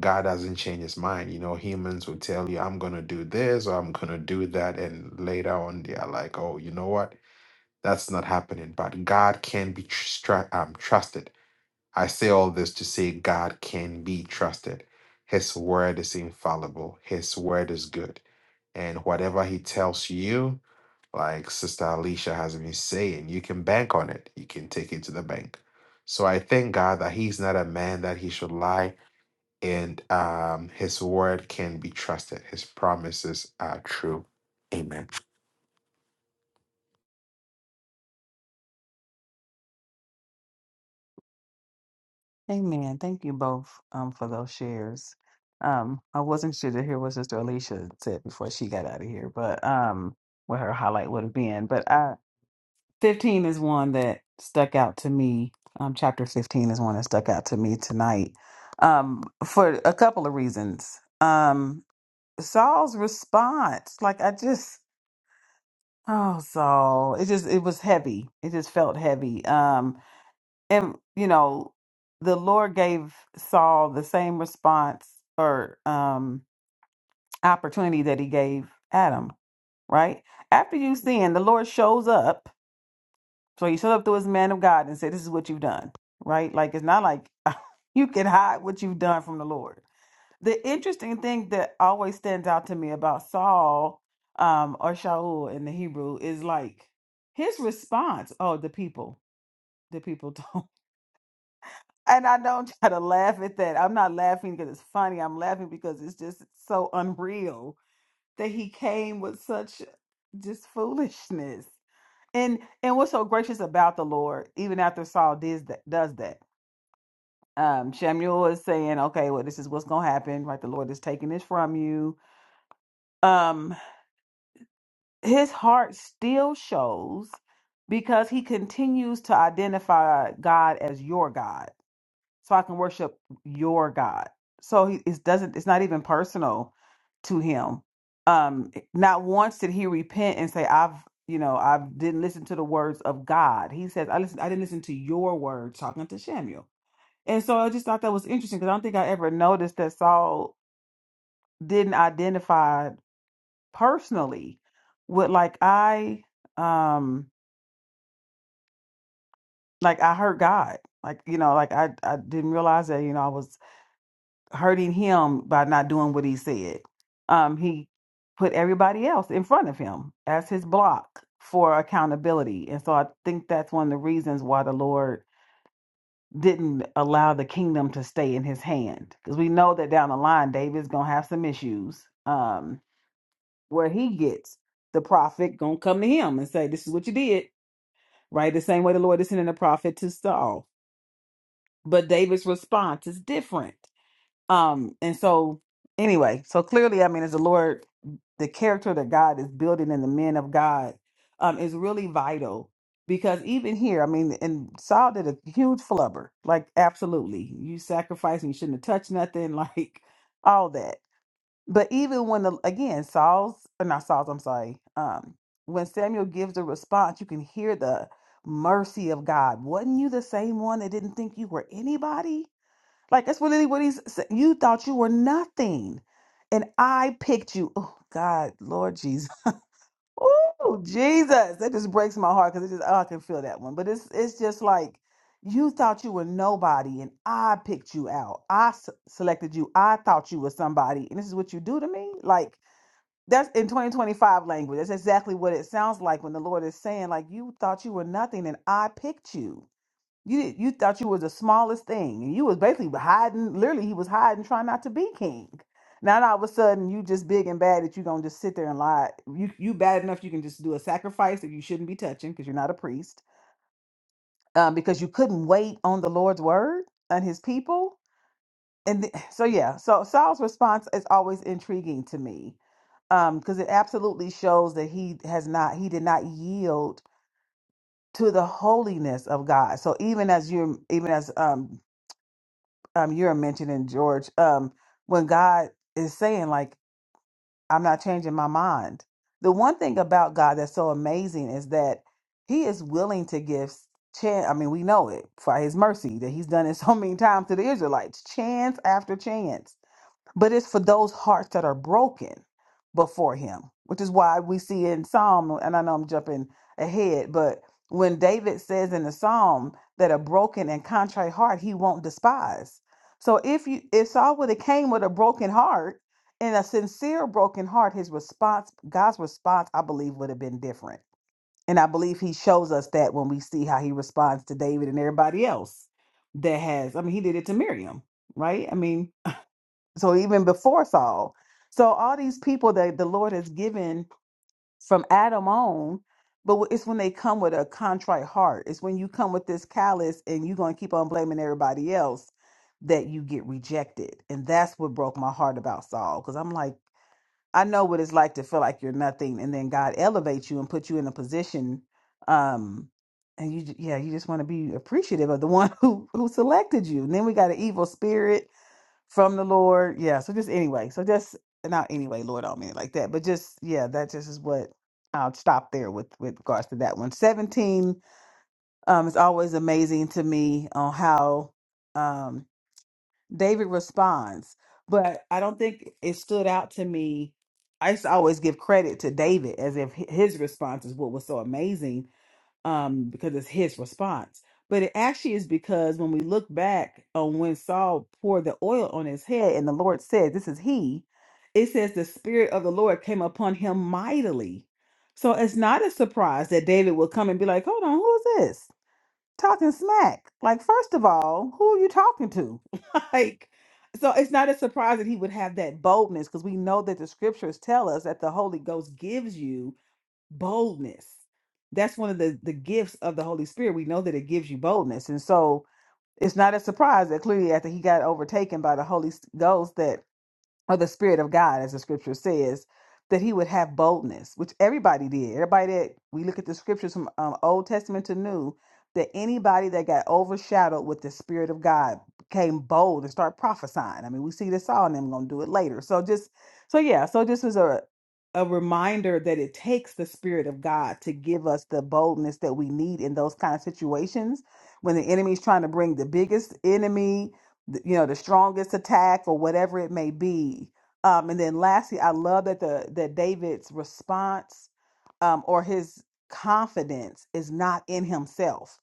S1: God doesn't change His mind. You know, humans will tell you, I'm going to do this or I'm going to do that. And later on, they are like, Oh, you know what? That's not happening. But God can be tr- stra- um, trusted I say all this to say God can be trusted. His word is infallible, His word is good. And whatever He tells you, like Sister Alicia has been saying, you can bank on it, you can take it to the bank. So I thank God that He's not a man that He should lie, and um, His word can be trusted, His promises are true. Amen.
S2: Amen. Thank you both um, for those shares. Um, I wasn't sure to hear what Sister Alicia said before she got out of here, but um, what her highlight would have been. But 15 is one that stuck out to me. Um, chapter 15 is one that stuck out to me tonight um, for a couple of reasons. Um, Saul's response, like I just, oh, Saul, it just, it was heavy. It just felt heavy. Um, and, you know, the Lord gave Saul the same response or um, opportunity that he gave Adam, right? After you sin, the Lord shows up So he showed up to his man of God and said, This is what you've done, right? Like, it's not like you can hide what you've done from the Lord. The interesting thing that always stands out to me about Saul um, or Shaul in the Hebrew is like his response oh, the people, the people don't. And I don't try to laugh at that. I'm not laughing because it's funny. I'm laughing because it's just so unreal that he came with such just foolishness. And and what's so gracious about the Lord, even after Saul does that, does that. Um, Samuel is saying, "Okay, well, this is what's gonna happen, right? The Lord is taking this from you." Um, his heart still shows because he continues to identify God as your God. so I can worship your God. So he it doesn't it's not even personal to him. Um eh, not once did he repent and say, I've you know, I didn't listen to the words of God. He says, I listen I didn't listen to your words talking to Samuel. And so I just thought that was interesting because I don't think I ever noticed that Saul didn't identify personally with like I um like I hurt God. Like, you know, like I I didn't realize that, you know, I was hurting him by not doing what he said. Um, he put everybody else in front of him as his block for accountability. And so I think that's one of the reasons why the Lord didn't allow the kingdom to stay in his hand. Because we know that down the line, David's going to have some issues um, where he gets the prophet going to come to him and say, This is what you did, right? The same way the Lord is sending the prophet to Saul. But David's response is different Um, and so anyway, so clearly, I mean, as the Lord, the character that God is building in the men of God um is really vital because even here, I mean, and Saul did a huge flubber, like absolutely. You sacrificed and you shouldn't have touched nothing, like all that. But even when the again, Saul's or not Saul's, I'm sorry, um, when Samuel gives a response, you can hear the mercy of God. Wasn't you the same one that didn't think you were anybody? Like that's really what he's saying. You thought you were nothing, and I picked you. Oh God, Lord Jesus. Oh Jesus, that just breaks my heart because it just oh, I can feel that one. But it's it's just like you thought you were nobody, and I picked you out. I s- selected you. I thought you were somebody, and this is what you do to me. Like that's in 2025 language. That's exactly what it sounds like when the Lord is saying, like you thought you were nothing, and I picked you. You you thought you was the smallest thing, and you was basically hiding. Literally, he was hiding, trying not to be king. Now, all of a sudden, you just big and bad that you gonna just sit there and lie. You you bad enough you can just do a sacrifice that you shouldn't be touching because you're not a priest, um, because you couldn't wait on the Lord's word and His people. And th- so yeah, so Saul's response is always intriguing to me because it absolutely shows that he has not he did not yield to the holiness of God. So even as you're even as um um you were mentioning George um when God is saying like I'm not changing my mind. The one thing about God that's so amazing is that he is willing to give chance I mean we know it by his mercy that he's done it so many times to the Israelites chance after chance but it's for those hearts that are broken before him which is why we see in psalm and i know i'm jumping ahead but when david says in the psalm that a broken and contrite heart he won't despise so if you if saul would have came with a broken heart and a sincere broken heart his response god's response i believe would have been different and i believe he shows us that when we see how he responds to david and everybody else that has i mean he did it to miriam right i mean so even before Saul. So all these people that the Lord has given from Adam on, but it's when they come with a contrite heart. It's when you come with this callous and you're going to keep on blaming everybody else that you get rejected. And that's what broke my heart about Saul because I'm like, I know what it's like to feel like you're nothing and then God elevates you and put you in a position um and you j- yeah, you just want to be appreciative of the one who who selected you. And then we got an evil spirit from the Lord. Yeah. So just anyway. So just not anyway, Lord, I don't mean it like that. But just yeah, that just is what I'll stop there with with regards to that one. Seventeen um is always amazing to me on how um David responds. But I don't think it stood out to me. I used to always give credit to David as if hi- his response is what was so amazing um, because it's his response. But it actually is because when we look back on when Saul poured the oil on his head and the Lord said, This is he, it says the Spirit of the Lord came upon him mightily. So it's not a surprise that David will come and be like, Hold on, who is this? Talking smack. Like, first of all, who are you talking to? like, so it's not a surprise that he would have that boldness because we know that the scriptures tell us that the Holy Ghost gives you boldness. That's one of the, the gifts of the Holy Spirit. We know that it gives you boldness. And so it's not a surprise that clearly after he got overtaken by the Holy S- Ghost that or the spirit of God, as the scripture says, that he would have boldness, which everybody did. Everybody that we look at the scriptures from um, Old Testament to New, that anybody that got overshadowed with the spirit of God became bold and start prophesying. I mean, we see this all, and I'm going to do it later. So just, so yeah, so this is a a reminder that it takes the spirit of God to give us the boldness that we need in those kind of situations when the enemy's trying to bring the biggest enemy th- you know the strongest attack or whatever it may be um and then lastly i love that the that david's response um or his confidence is not in himself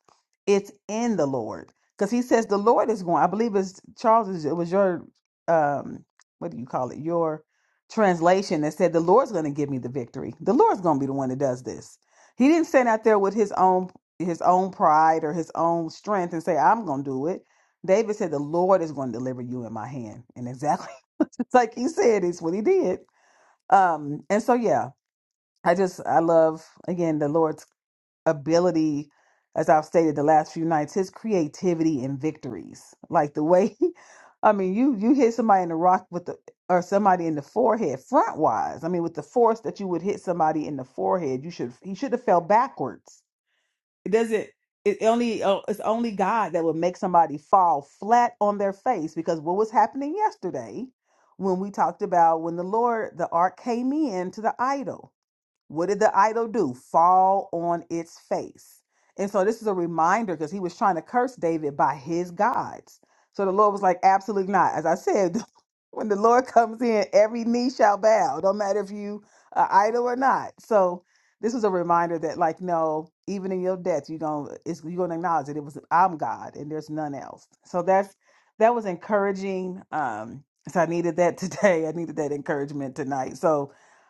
S2: it's in the lord because he says the lord is going i believe it's charles it was your um what do you call it your translation that said the lord's going to give me the victory the lord's going to be the one that does this he didn't stand out there with his own his own pride or his own strength and say i'm going to do it David said, The Lord is going to deliver you in my hand. And exactly it's like he said, it's what he did. Um, and so yeah, I just I love again the Lord's ability, as I've stated the last few nights, his creativity and victories. Like the way I mean, you you hit somebody in the rock with the or somebody in the forehead front wise. I mean, with the force that you would hit somebody in the forehead, you should he should have fell backwards it doesn't. It only. Uh, it's only God that would make somebody fall flat on their face because what was happening yesterday when we talked about when the Lord, the ark came in to the idol. What did the idol do? Fall on its face. And so this is a reminder because he was trying to curse David by his gods. So the Lord was like, absolutely not. As I said, when the Lord comes in, every knee shall bow. Don't matter if you are idol or not. So this was a reminder that, like, no, even in your death, you're gonna it's, you're gonna acknowledge that it was I'm God and there's none else. So that's that was encouraging. Um, so I needed that today. I needed that encouragement tonight. So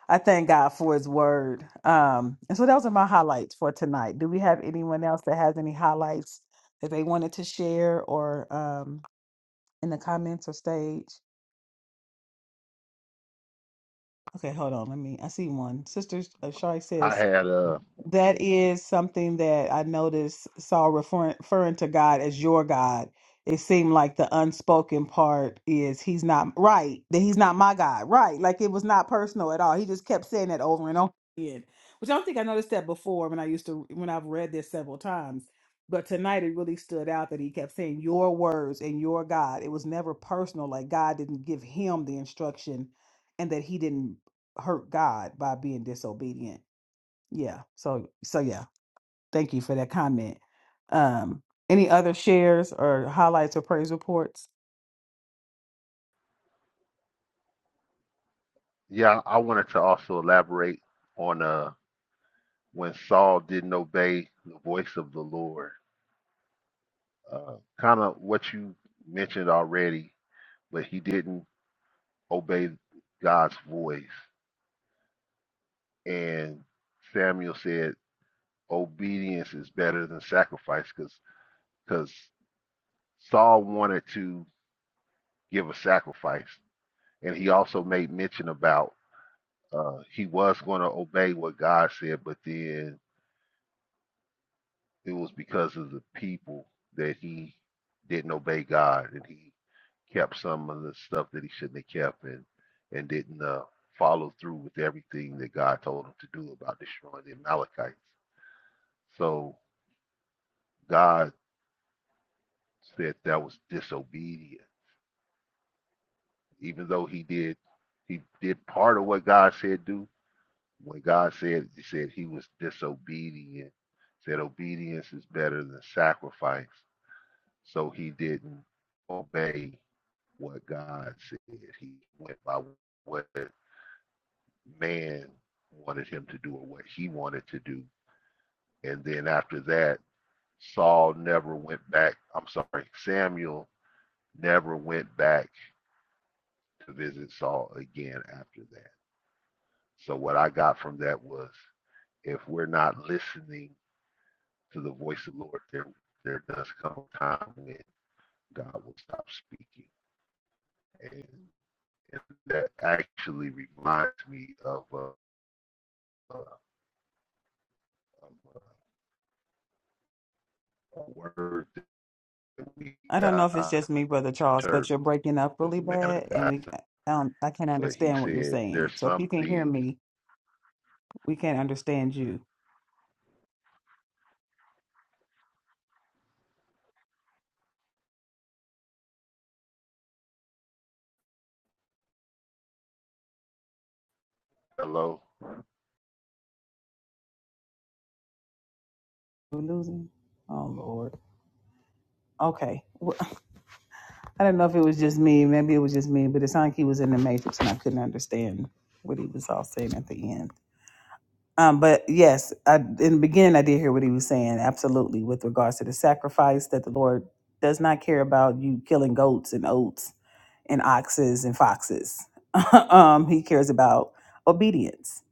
S2: I thank God for his word. Um, and so those are my highlights for tonight. Do we have anyone else that has any highlights that they wanted to share or um in the comments or stage? Okay, hold on. Let me I see one. Sister uh, Shari
S4: I
S2: says
S4: had uh
S2: That is something that I noticed Saul referring, referring to God as your God. It seemed like the unspoken part is he's not right, that he's not my God, right? Like it was not personal at all. He just kept saying that over and over again, which I don't think I noticed that before when I used to, when I've read this several times. But tonight it really stood out that he kept saying your words and your God. It was never personal, like God didn't give him the instruction and that he didn't hurt God by being disobedient yeah. So so yeah. Thank you for that comment. Um any other shares or highlights or praise reports?
S4: yeah, I wanted to also elaborate on uh when Saul didn't obey the voice of the Lord. Uh kind of what you mentioned already, but he didn't obey God's voice. And Samuel said obedience is better than sacrifice because because Saul wanted to give a sacrifice And he also made mention about uh, he was going to obey what God said, but then it was because of the people that he didn't obey God and he kept some of the stuff that he shouldn't have kept and and didn't uh, follow through with everything that God told him to do about destroying the Amalekites. So God said that was disobedient, even though he did he did part of what God said do. When God said, He said he was disobedient, said obedience is better than sacrifice. So he didn't obey what God said. He went by what man wanted him to do or what he wanted to do. And then after that, Saul never went back. I'm sorry, Samuel never went back to visit Saul again after that. So what I got from that was if we're not listening to the voice of the Lord, there there does come a time when God will stop speaking, and, and that actually reminds me of a, a, a, a word that we
S2: I don't know if it's
S4: got
S2: just me, brother Charles, but
S4: church
S2: you're breaking up
S4: as
S2: really
S4: a man
S2: bad
S4: of
S2: and we
S4: God,
S2: um I can't
S4: but he
S2: understand what you're
S4: said
S2: saying.
S4: there's
S2: So if you
S4: some
S2: can hear
S4: things.
S2: me, we can't understand you.
S4: Hello,
S2: We're losing. Oh lord. Okay. Well, I don't know if it was just me, maybe it was just me, but it sounded like he was in the matrix and I couldn't understand what he was all saying at the end. Um, but yes, I, in the beginning, I did hear what he was saying. Absolutely, with regards to the sacrifice that the Lord does not care about you killing goats and oats and oxes and foxes. um, he cares about obedience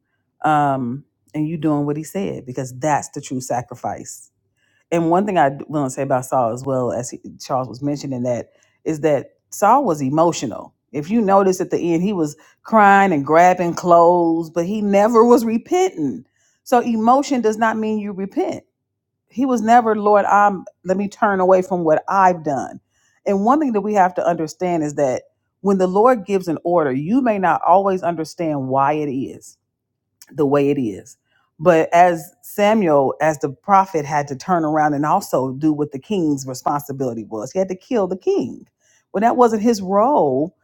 S2: um, and you doing what He said because that's the true sacrifice and one thing I want to say about Saul as well as he, Charles was mentioning that is that Saul was emotional. If you notice at the end, he was crying and grabbing clothes, but he never was repenting. So emotion does not mean you repent. He was never, Lord, I'm let me turn away from what I've done. And one thing that we have to understand is that when the Lord gives an order, you may not always understand why it is the way it is. But as Samuel, as the prophet, had to turn around and also do what the king's responsibility was, he had to kill the king. Well, that wasn't his role,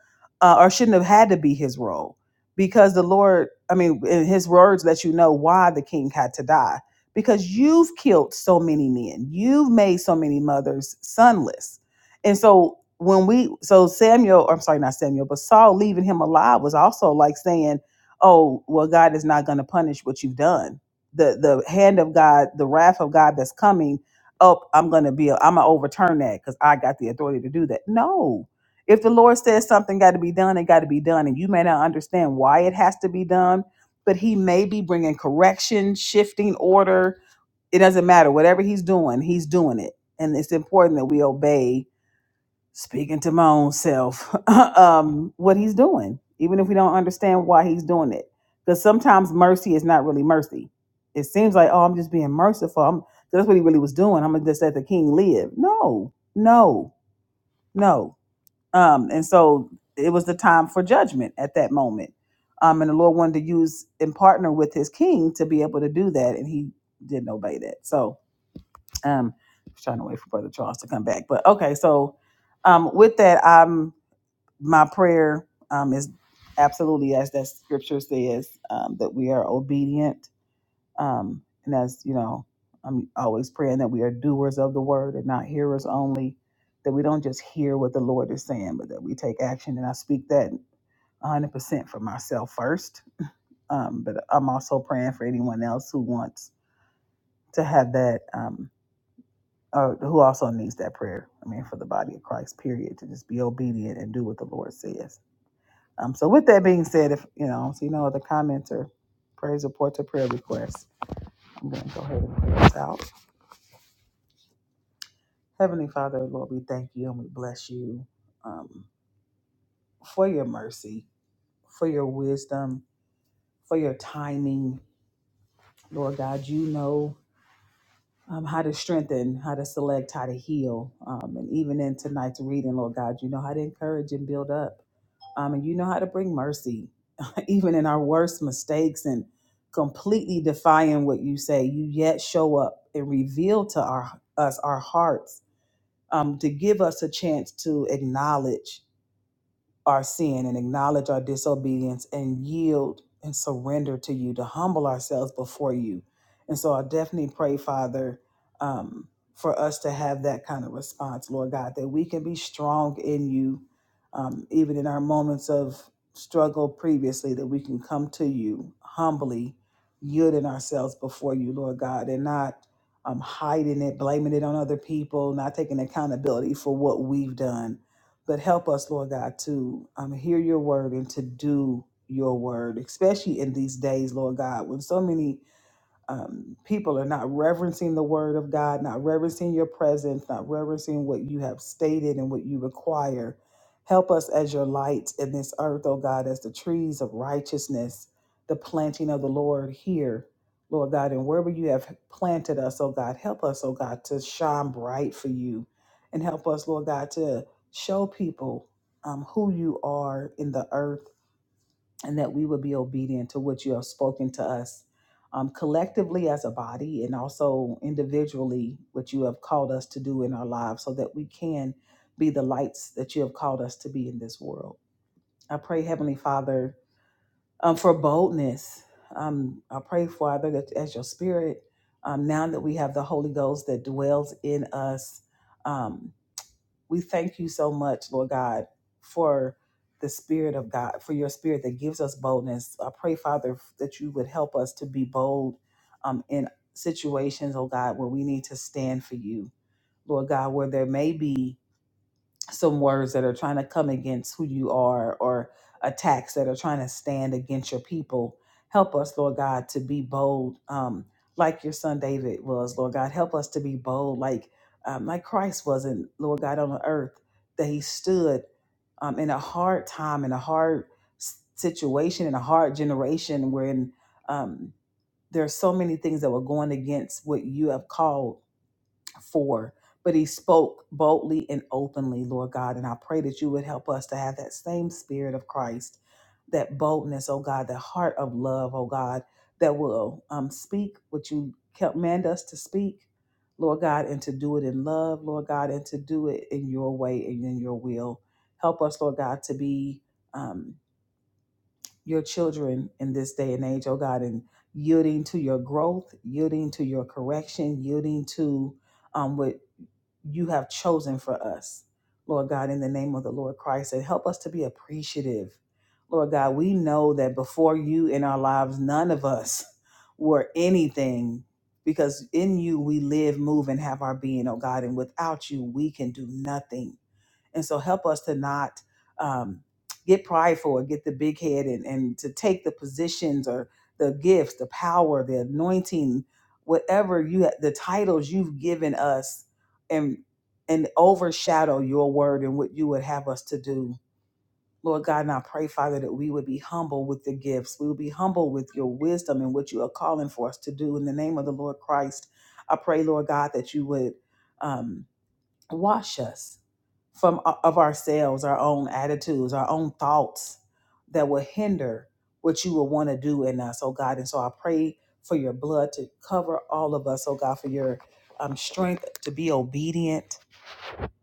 S2: uh, or shouldn't have had to be his role, because the Lord, I mean, in his words let you know why the king had to die. Because you've killed so many men, you've made so many mothers sonless. And so when we, so Samuel, or I'm sorry, not Samuel, but Saul leaving him alive was also like saying, oh well god is not going to punish what you've done the the hand of god the wrath of god that's coming up i'm going to be i'm going to overturn that because i got the authority to do that no if the lord says something got to be done it got to be done and you may not understand why it has to be done but he may be bringing correction shifting order it doesn't matter whatever he's doing he's doing it and it's important that we obey speaking to my own self um what he's doing even if we don't understand why he's doing it because sometimes mercy is not really mercy it seems like oh i'm just being merciful I'm, that's what he really was doing i'm gonna just let the king live no no no um and so it was the time for judgment at that moment um and the lord wanted to use and partner with his king to be able to do that and he didn't obey that so um I was trying to wait for brother charles to come back but okay so um with that I'm my prayer um, is absolutely as that scripture says um, that we are obedient um, and as you know i'm always praying that we are doers of the word and not hearers only that we don't just hear what the lord is saying but that we take action and i speak that 100% for myself first um, but i'm also praying for anyone else who wants to have that um, or who also needs that prayer i mean for the body of christ period to just be obedient and do what the lord says Um, so with that being said, if you know, see no other comments or praise reports or prayer requests, I'm going to go ahead and pray us out. Heavenly Father, Lord, we thank you and we bless you um, for your mercy, for your wisdom, for your timing. Lord God, you know um, how to strengthen, how to select, how to heal. Um, and even in tonight's reading, Lord God, you know how to encourage and build up. Um, and you know how to bring mercy, even in our worst mistakes and completely defying what you say. You yet show up and reveal to our, us our hearts um, to give us a chance to acknowledge our sin and acknowledge our disobedience and yield and surrender to you, to humble ourselves before you. And so I definitely pray, Father, um, for us to have that kind of response, Lord God, that we can be strong in you, um, even in our moments of struggle previously, that we can come to you humbly, yielding ourselves before you, Lord God, and not um, hiding it, blaming it on other people, not taking accountability for what we've done but help us, Lord God, to um, hear your word and to do your word, especially in these days, Lord God, when so many um, people are not reverencing the word of God, not reverencing your presence, not reverencing what you have stated and what you require. Help us as your lights in this earth, oh God, as the trees of righteousness, the planting of the Lord here, Lord God, and wherever you have planted us, oh God, help us, oh God, to shine bright for you and help us, Lord God, to show people um, who you are in the earth and that we would be obedient to what you have spoken to us um, collectively as a body and also individually what you have called us to do in our lives so that we can be the lights that you have called us to be in this world. I pray, Heavenly Father, um, for boldness. Um, I pray, Father, that as your spirit, um, now that we have the Holy Ghost that dwells in us, um, we thank you so much, Lord God, for the Spirit of God, for your Spirit that gives us boldness. I pray, Father, that you would help us to be bold um, in situations, oh God, where we need to stand for you, Lord God, where there may be some words that are trying to come against who you are or attacks that are trying to stand against your people. Help us, Lord God, to be bold, um, like your son David was, Lord God. Help us to be bold, like um, like Christ was, and Lord God on the earth that He stood um, in a hard time, in a hard s- situation, in a hard generation, wherein um, there are so many things that were going against what you have called for, but he spoke boldly and openly, Lord God. And I pray that you would help us to have that same spirit of Christ, that boldness, oh God, that heart of love, oh God, that will um, speak what you command us to speak, Lord God, and to do it in love, Lord God, and to do it in your way and in your will. Help us, Lord God, to be. Um, your children in this day and age, oh God, and yielding to your growth, yielding to your correction, yielding to um, what you have chosen for us, Lord God, in the name of the Lord Christ. And help us to be appreciative. Lord God, we know that before you in our lives, none of us were anything because in you we live, move, and have our being, oh God. And without you, we can do nothing. And so help us to not um, get prideful or get the big head and, and to take the positions or the gifts, the power, the anointing, whatever you ha- the titles you've given us and and overshadow your word and what you would have us to do. Lord God, and I pray, Father, that we would be humble with the gifts. We would be humble with your wisdom and what you are calling for us to do. In the name of the Lord Christ, I pray, Lord God, that you would um, wash us from uh, of ourselves, our own attitudes, our own thoughts that will hinder what you will want to do in us, oh God. And so I pray for your blood to cover all of us, oh God, for your um, strength to be obedient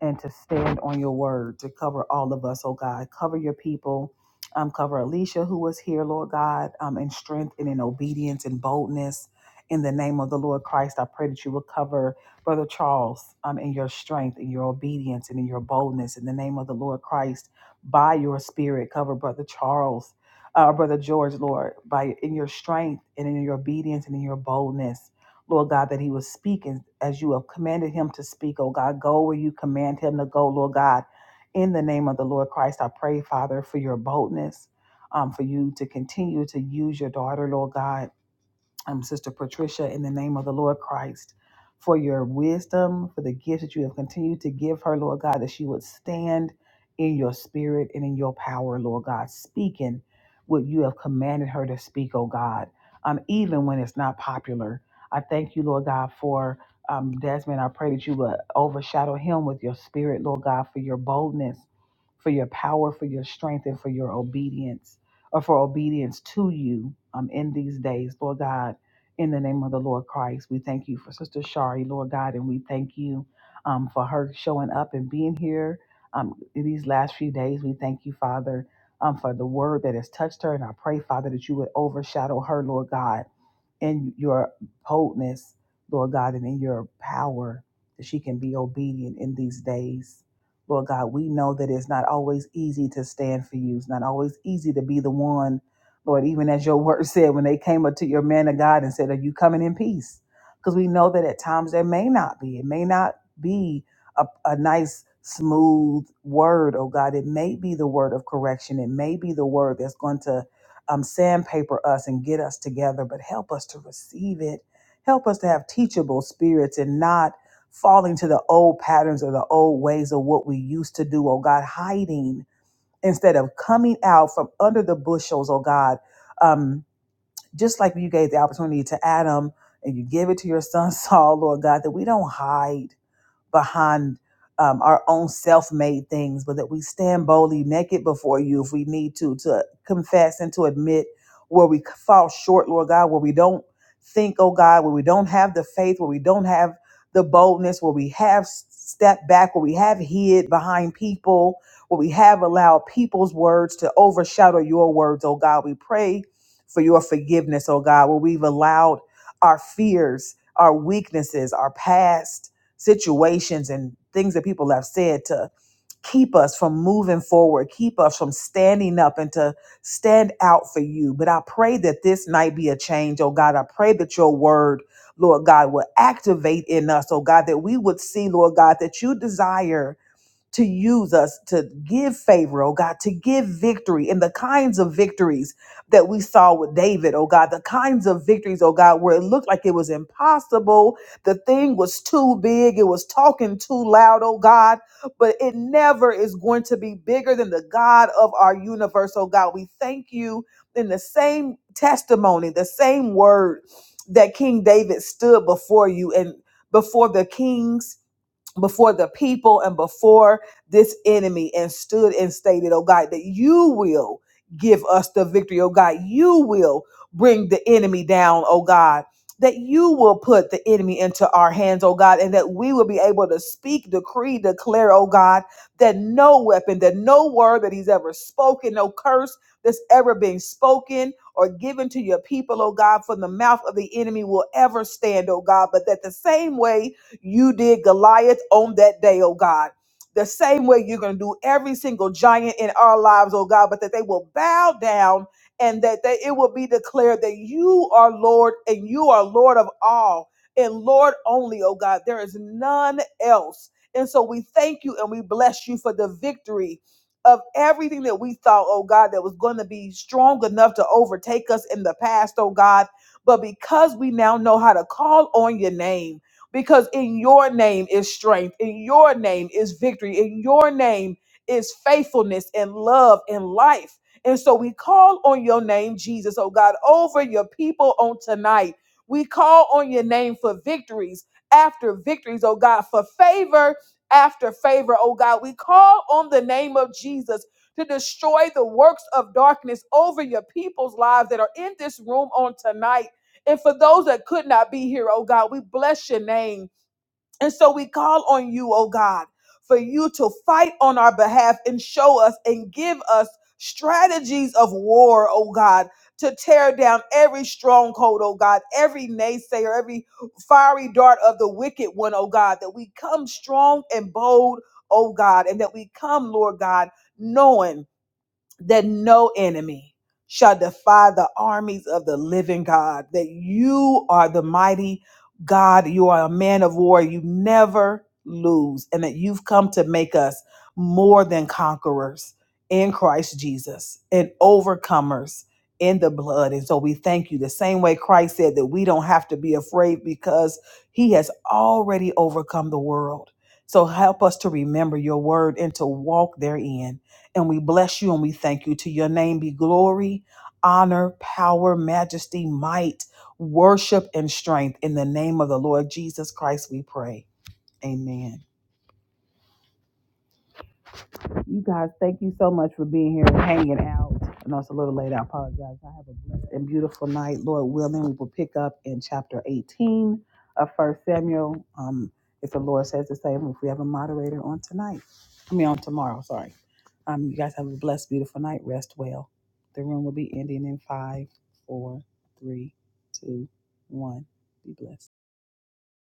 S2: and to stand on your word to cover all of us, oh God. Cover your people. Um, cover Alicia, who was here, Lord God, um, in strength and in obedience and boldness. In the name of the Lord Christ, I pray that you will cover Brother Charles um, in your strength, in your obedience, and in your boldness. In the name of the Lord Christ, by your spirit, cover Brother Charles, uh, Brother George, Lord, by in your strength and in your obedience and in your boldness Lord God, that he was speaking as you have commanded him to speak, oh God. Go where you command him to go, Lord God. In the name of the Lord Christ, I pray, Father, for your boldness, um, for you to continue to use your daughter, Lord God um, Sister Patricia, in the name of the Lord Christ, for your wisdom, for the gifts that you have continued to give her, Lord God, that she would stand in your spirit and in your power, Lord God, speaking what you have commanded her to speak, oh God, um, even when it's not popular. I thank you, Lord God, for um, Desmond. I pray that you would overshadow him with your spirit, Lord God, for your boldness, for your power, for your strength, and for your obedience, or for obedience to you um, in these days, Lord God in the name of the Lord Christ, we thank you for Sister Shari, Lord God, and we thank you um, for her showing up and being here um, in these last few days. We thank you, Father, um, for the word that has touched her, and I pray, Father, that you would overshadow her, Lord God in your boldness, Lord God, and in your power that she can be obedient in these days. Lord God, we know that it's not always easy to stand for you. It's not always easy to be the one, Lord, even as your word said when they came up to your man of God and said, Are you coming in peace? Because we know that at times there may not be. It may not be a, a nice, smooth word, oh God. It may be the word of correction. It may be the word that's going to um, sandpaper us and get us together, but help us to receive it. Help us to have teachable spirits and not falling to the old patterns or the old ways of what we used to do, oh God, hiding instead of coming out from under the bushels, oh God. Um, just like you gave the opportunity to Adam and you give it to your son Saul, Lord God, that we don't hide behind um, our own self-made things, but that we stand boldly naked before you if we need to to confess and to admit where we fall short, Lord God, where we don't think, oh God, where we don't have the faith, where we don't have the boldness, where we have stepped back, where we have hid behind people, where we have allowed people's words to overshadow your words, oh God. We pray for your forgiveness, oh God, where we've allowed our fears, our weaknesses, our past situations and things that people have said to keep us from moving forward, keep us from standing up and to stand out for you. But I pray that this night be a change, oh God. I pray that your word, Lord God, will activate in us, oh God, that we would see, Lord God, that you desire to use us to give favor, oh God, to give victory and the kinds of victories that we saw with David, oh God, the kinds of victories, oh God, where it looked like it was impossible. The thing was too big, it was talking too loud, oh God, but it never is going to be bigger than the God of our universe, oh God. We thank you in the same testimony, the same word that King David stood before you and before the kings before the people and before this enemy and stood and stated, oh God, that you will give us the victory, oh God. You will bring the enemy down, oh God. That you will put the enemy into our hands, oh God, and that we will be able to speak, decree, declare, oh God, that no weapon, that no word that he's ever spoken, no curse that's ever been spoken or given to your people, oh God, from the mouth of the enemy will ever stand, oh God, but that the same way you did Goliath on that day, oh God. The same way you're going to do every single giant in our lives, oh God, but that they will bow down and that they, it will be declared that you are Lord and you are Lord of all and Lord only, oh God. There is none else. And so we thank you and we bless you for the victory of everything that we thought, oh God, that was going to be strong enough to overtake us in the past, oh God. But because we now know how to call on your name, because in your name is strength, in your name is victory, in your name is faithfulness and love and life. And so we call on your name, Jesus, oh God, over your people on tonight. We call on your name for victories after victories, oh God, for favor after favor, oh God. We call on the name of Jesus to destroy the works of darkness over your people's lives that are in this room on tonight. And for those that could not be here, oh God, we bless your name. And so we call on you, oh God, for you to fight on our behalf and show us and give us strategies of war, oh God, to tear down every stronghold, oh God, every naysayer, every fiery dart of the wicked one, oh God, that we come strong and bold, oh God, and that we come, Lord God, knowing that no enemy shall defy the armies of the living God, that you are the mighty God, you are a man of war, you never lose, and that you've come to make us more than conquerors in Christ Jesus and overcomers in the blood. And so we thank you the same way Christ said that we don't have to be afraid because he has already overcome the world. So help us to remember your word and to walk therein and we bless you and we thank you. To your name be glory, honor, power, majesty, might, worship, and strength. In the name of the Lord Jesus Christ, we pray. Amen. You guys, thank you so much for being here and hanging out. I know it's a little late. I apologize. I have a blessed and beautiful night. Lord willing, we will pick up in chapter 18 of First Samuel. Um, if the Lord says the same, if we have a moderator on tonight, I mean on tomorrow. Sorry. Um, you guys have a blessed, beautiful night. Rest well. The room will be ending in five, four, three, two, one. Be blessed.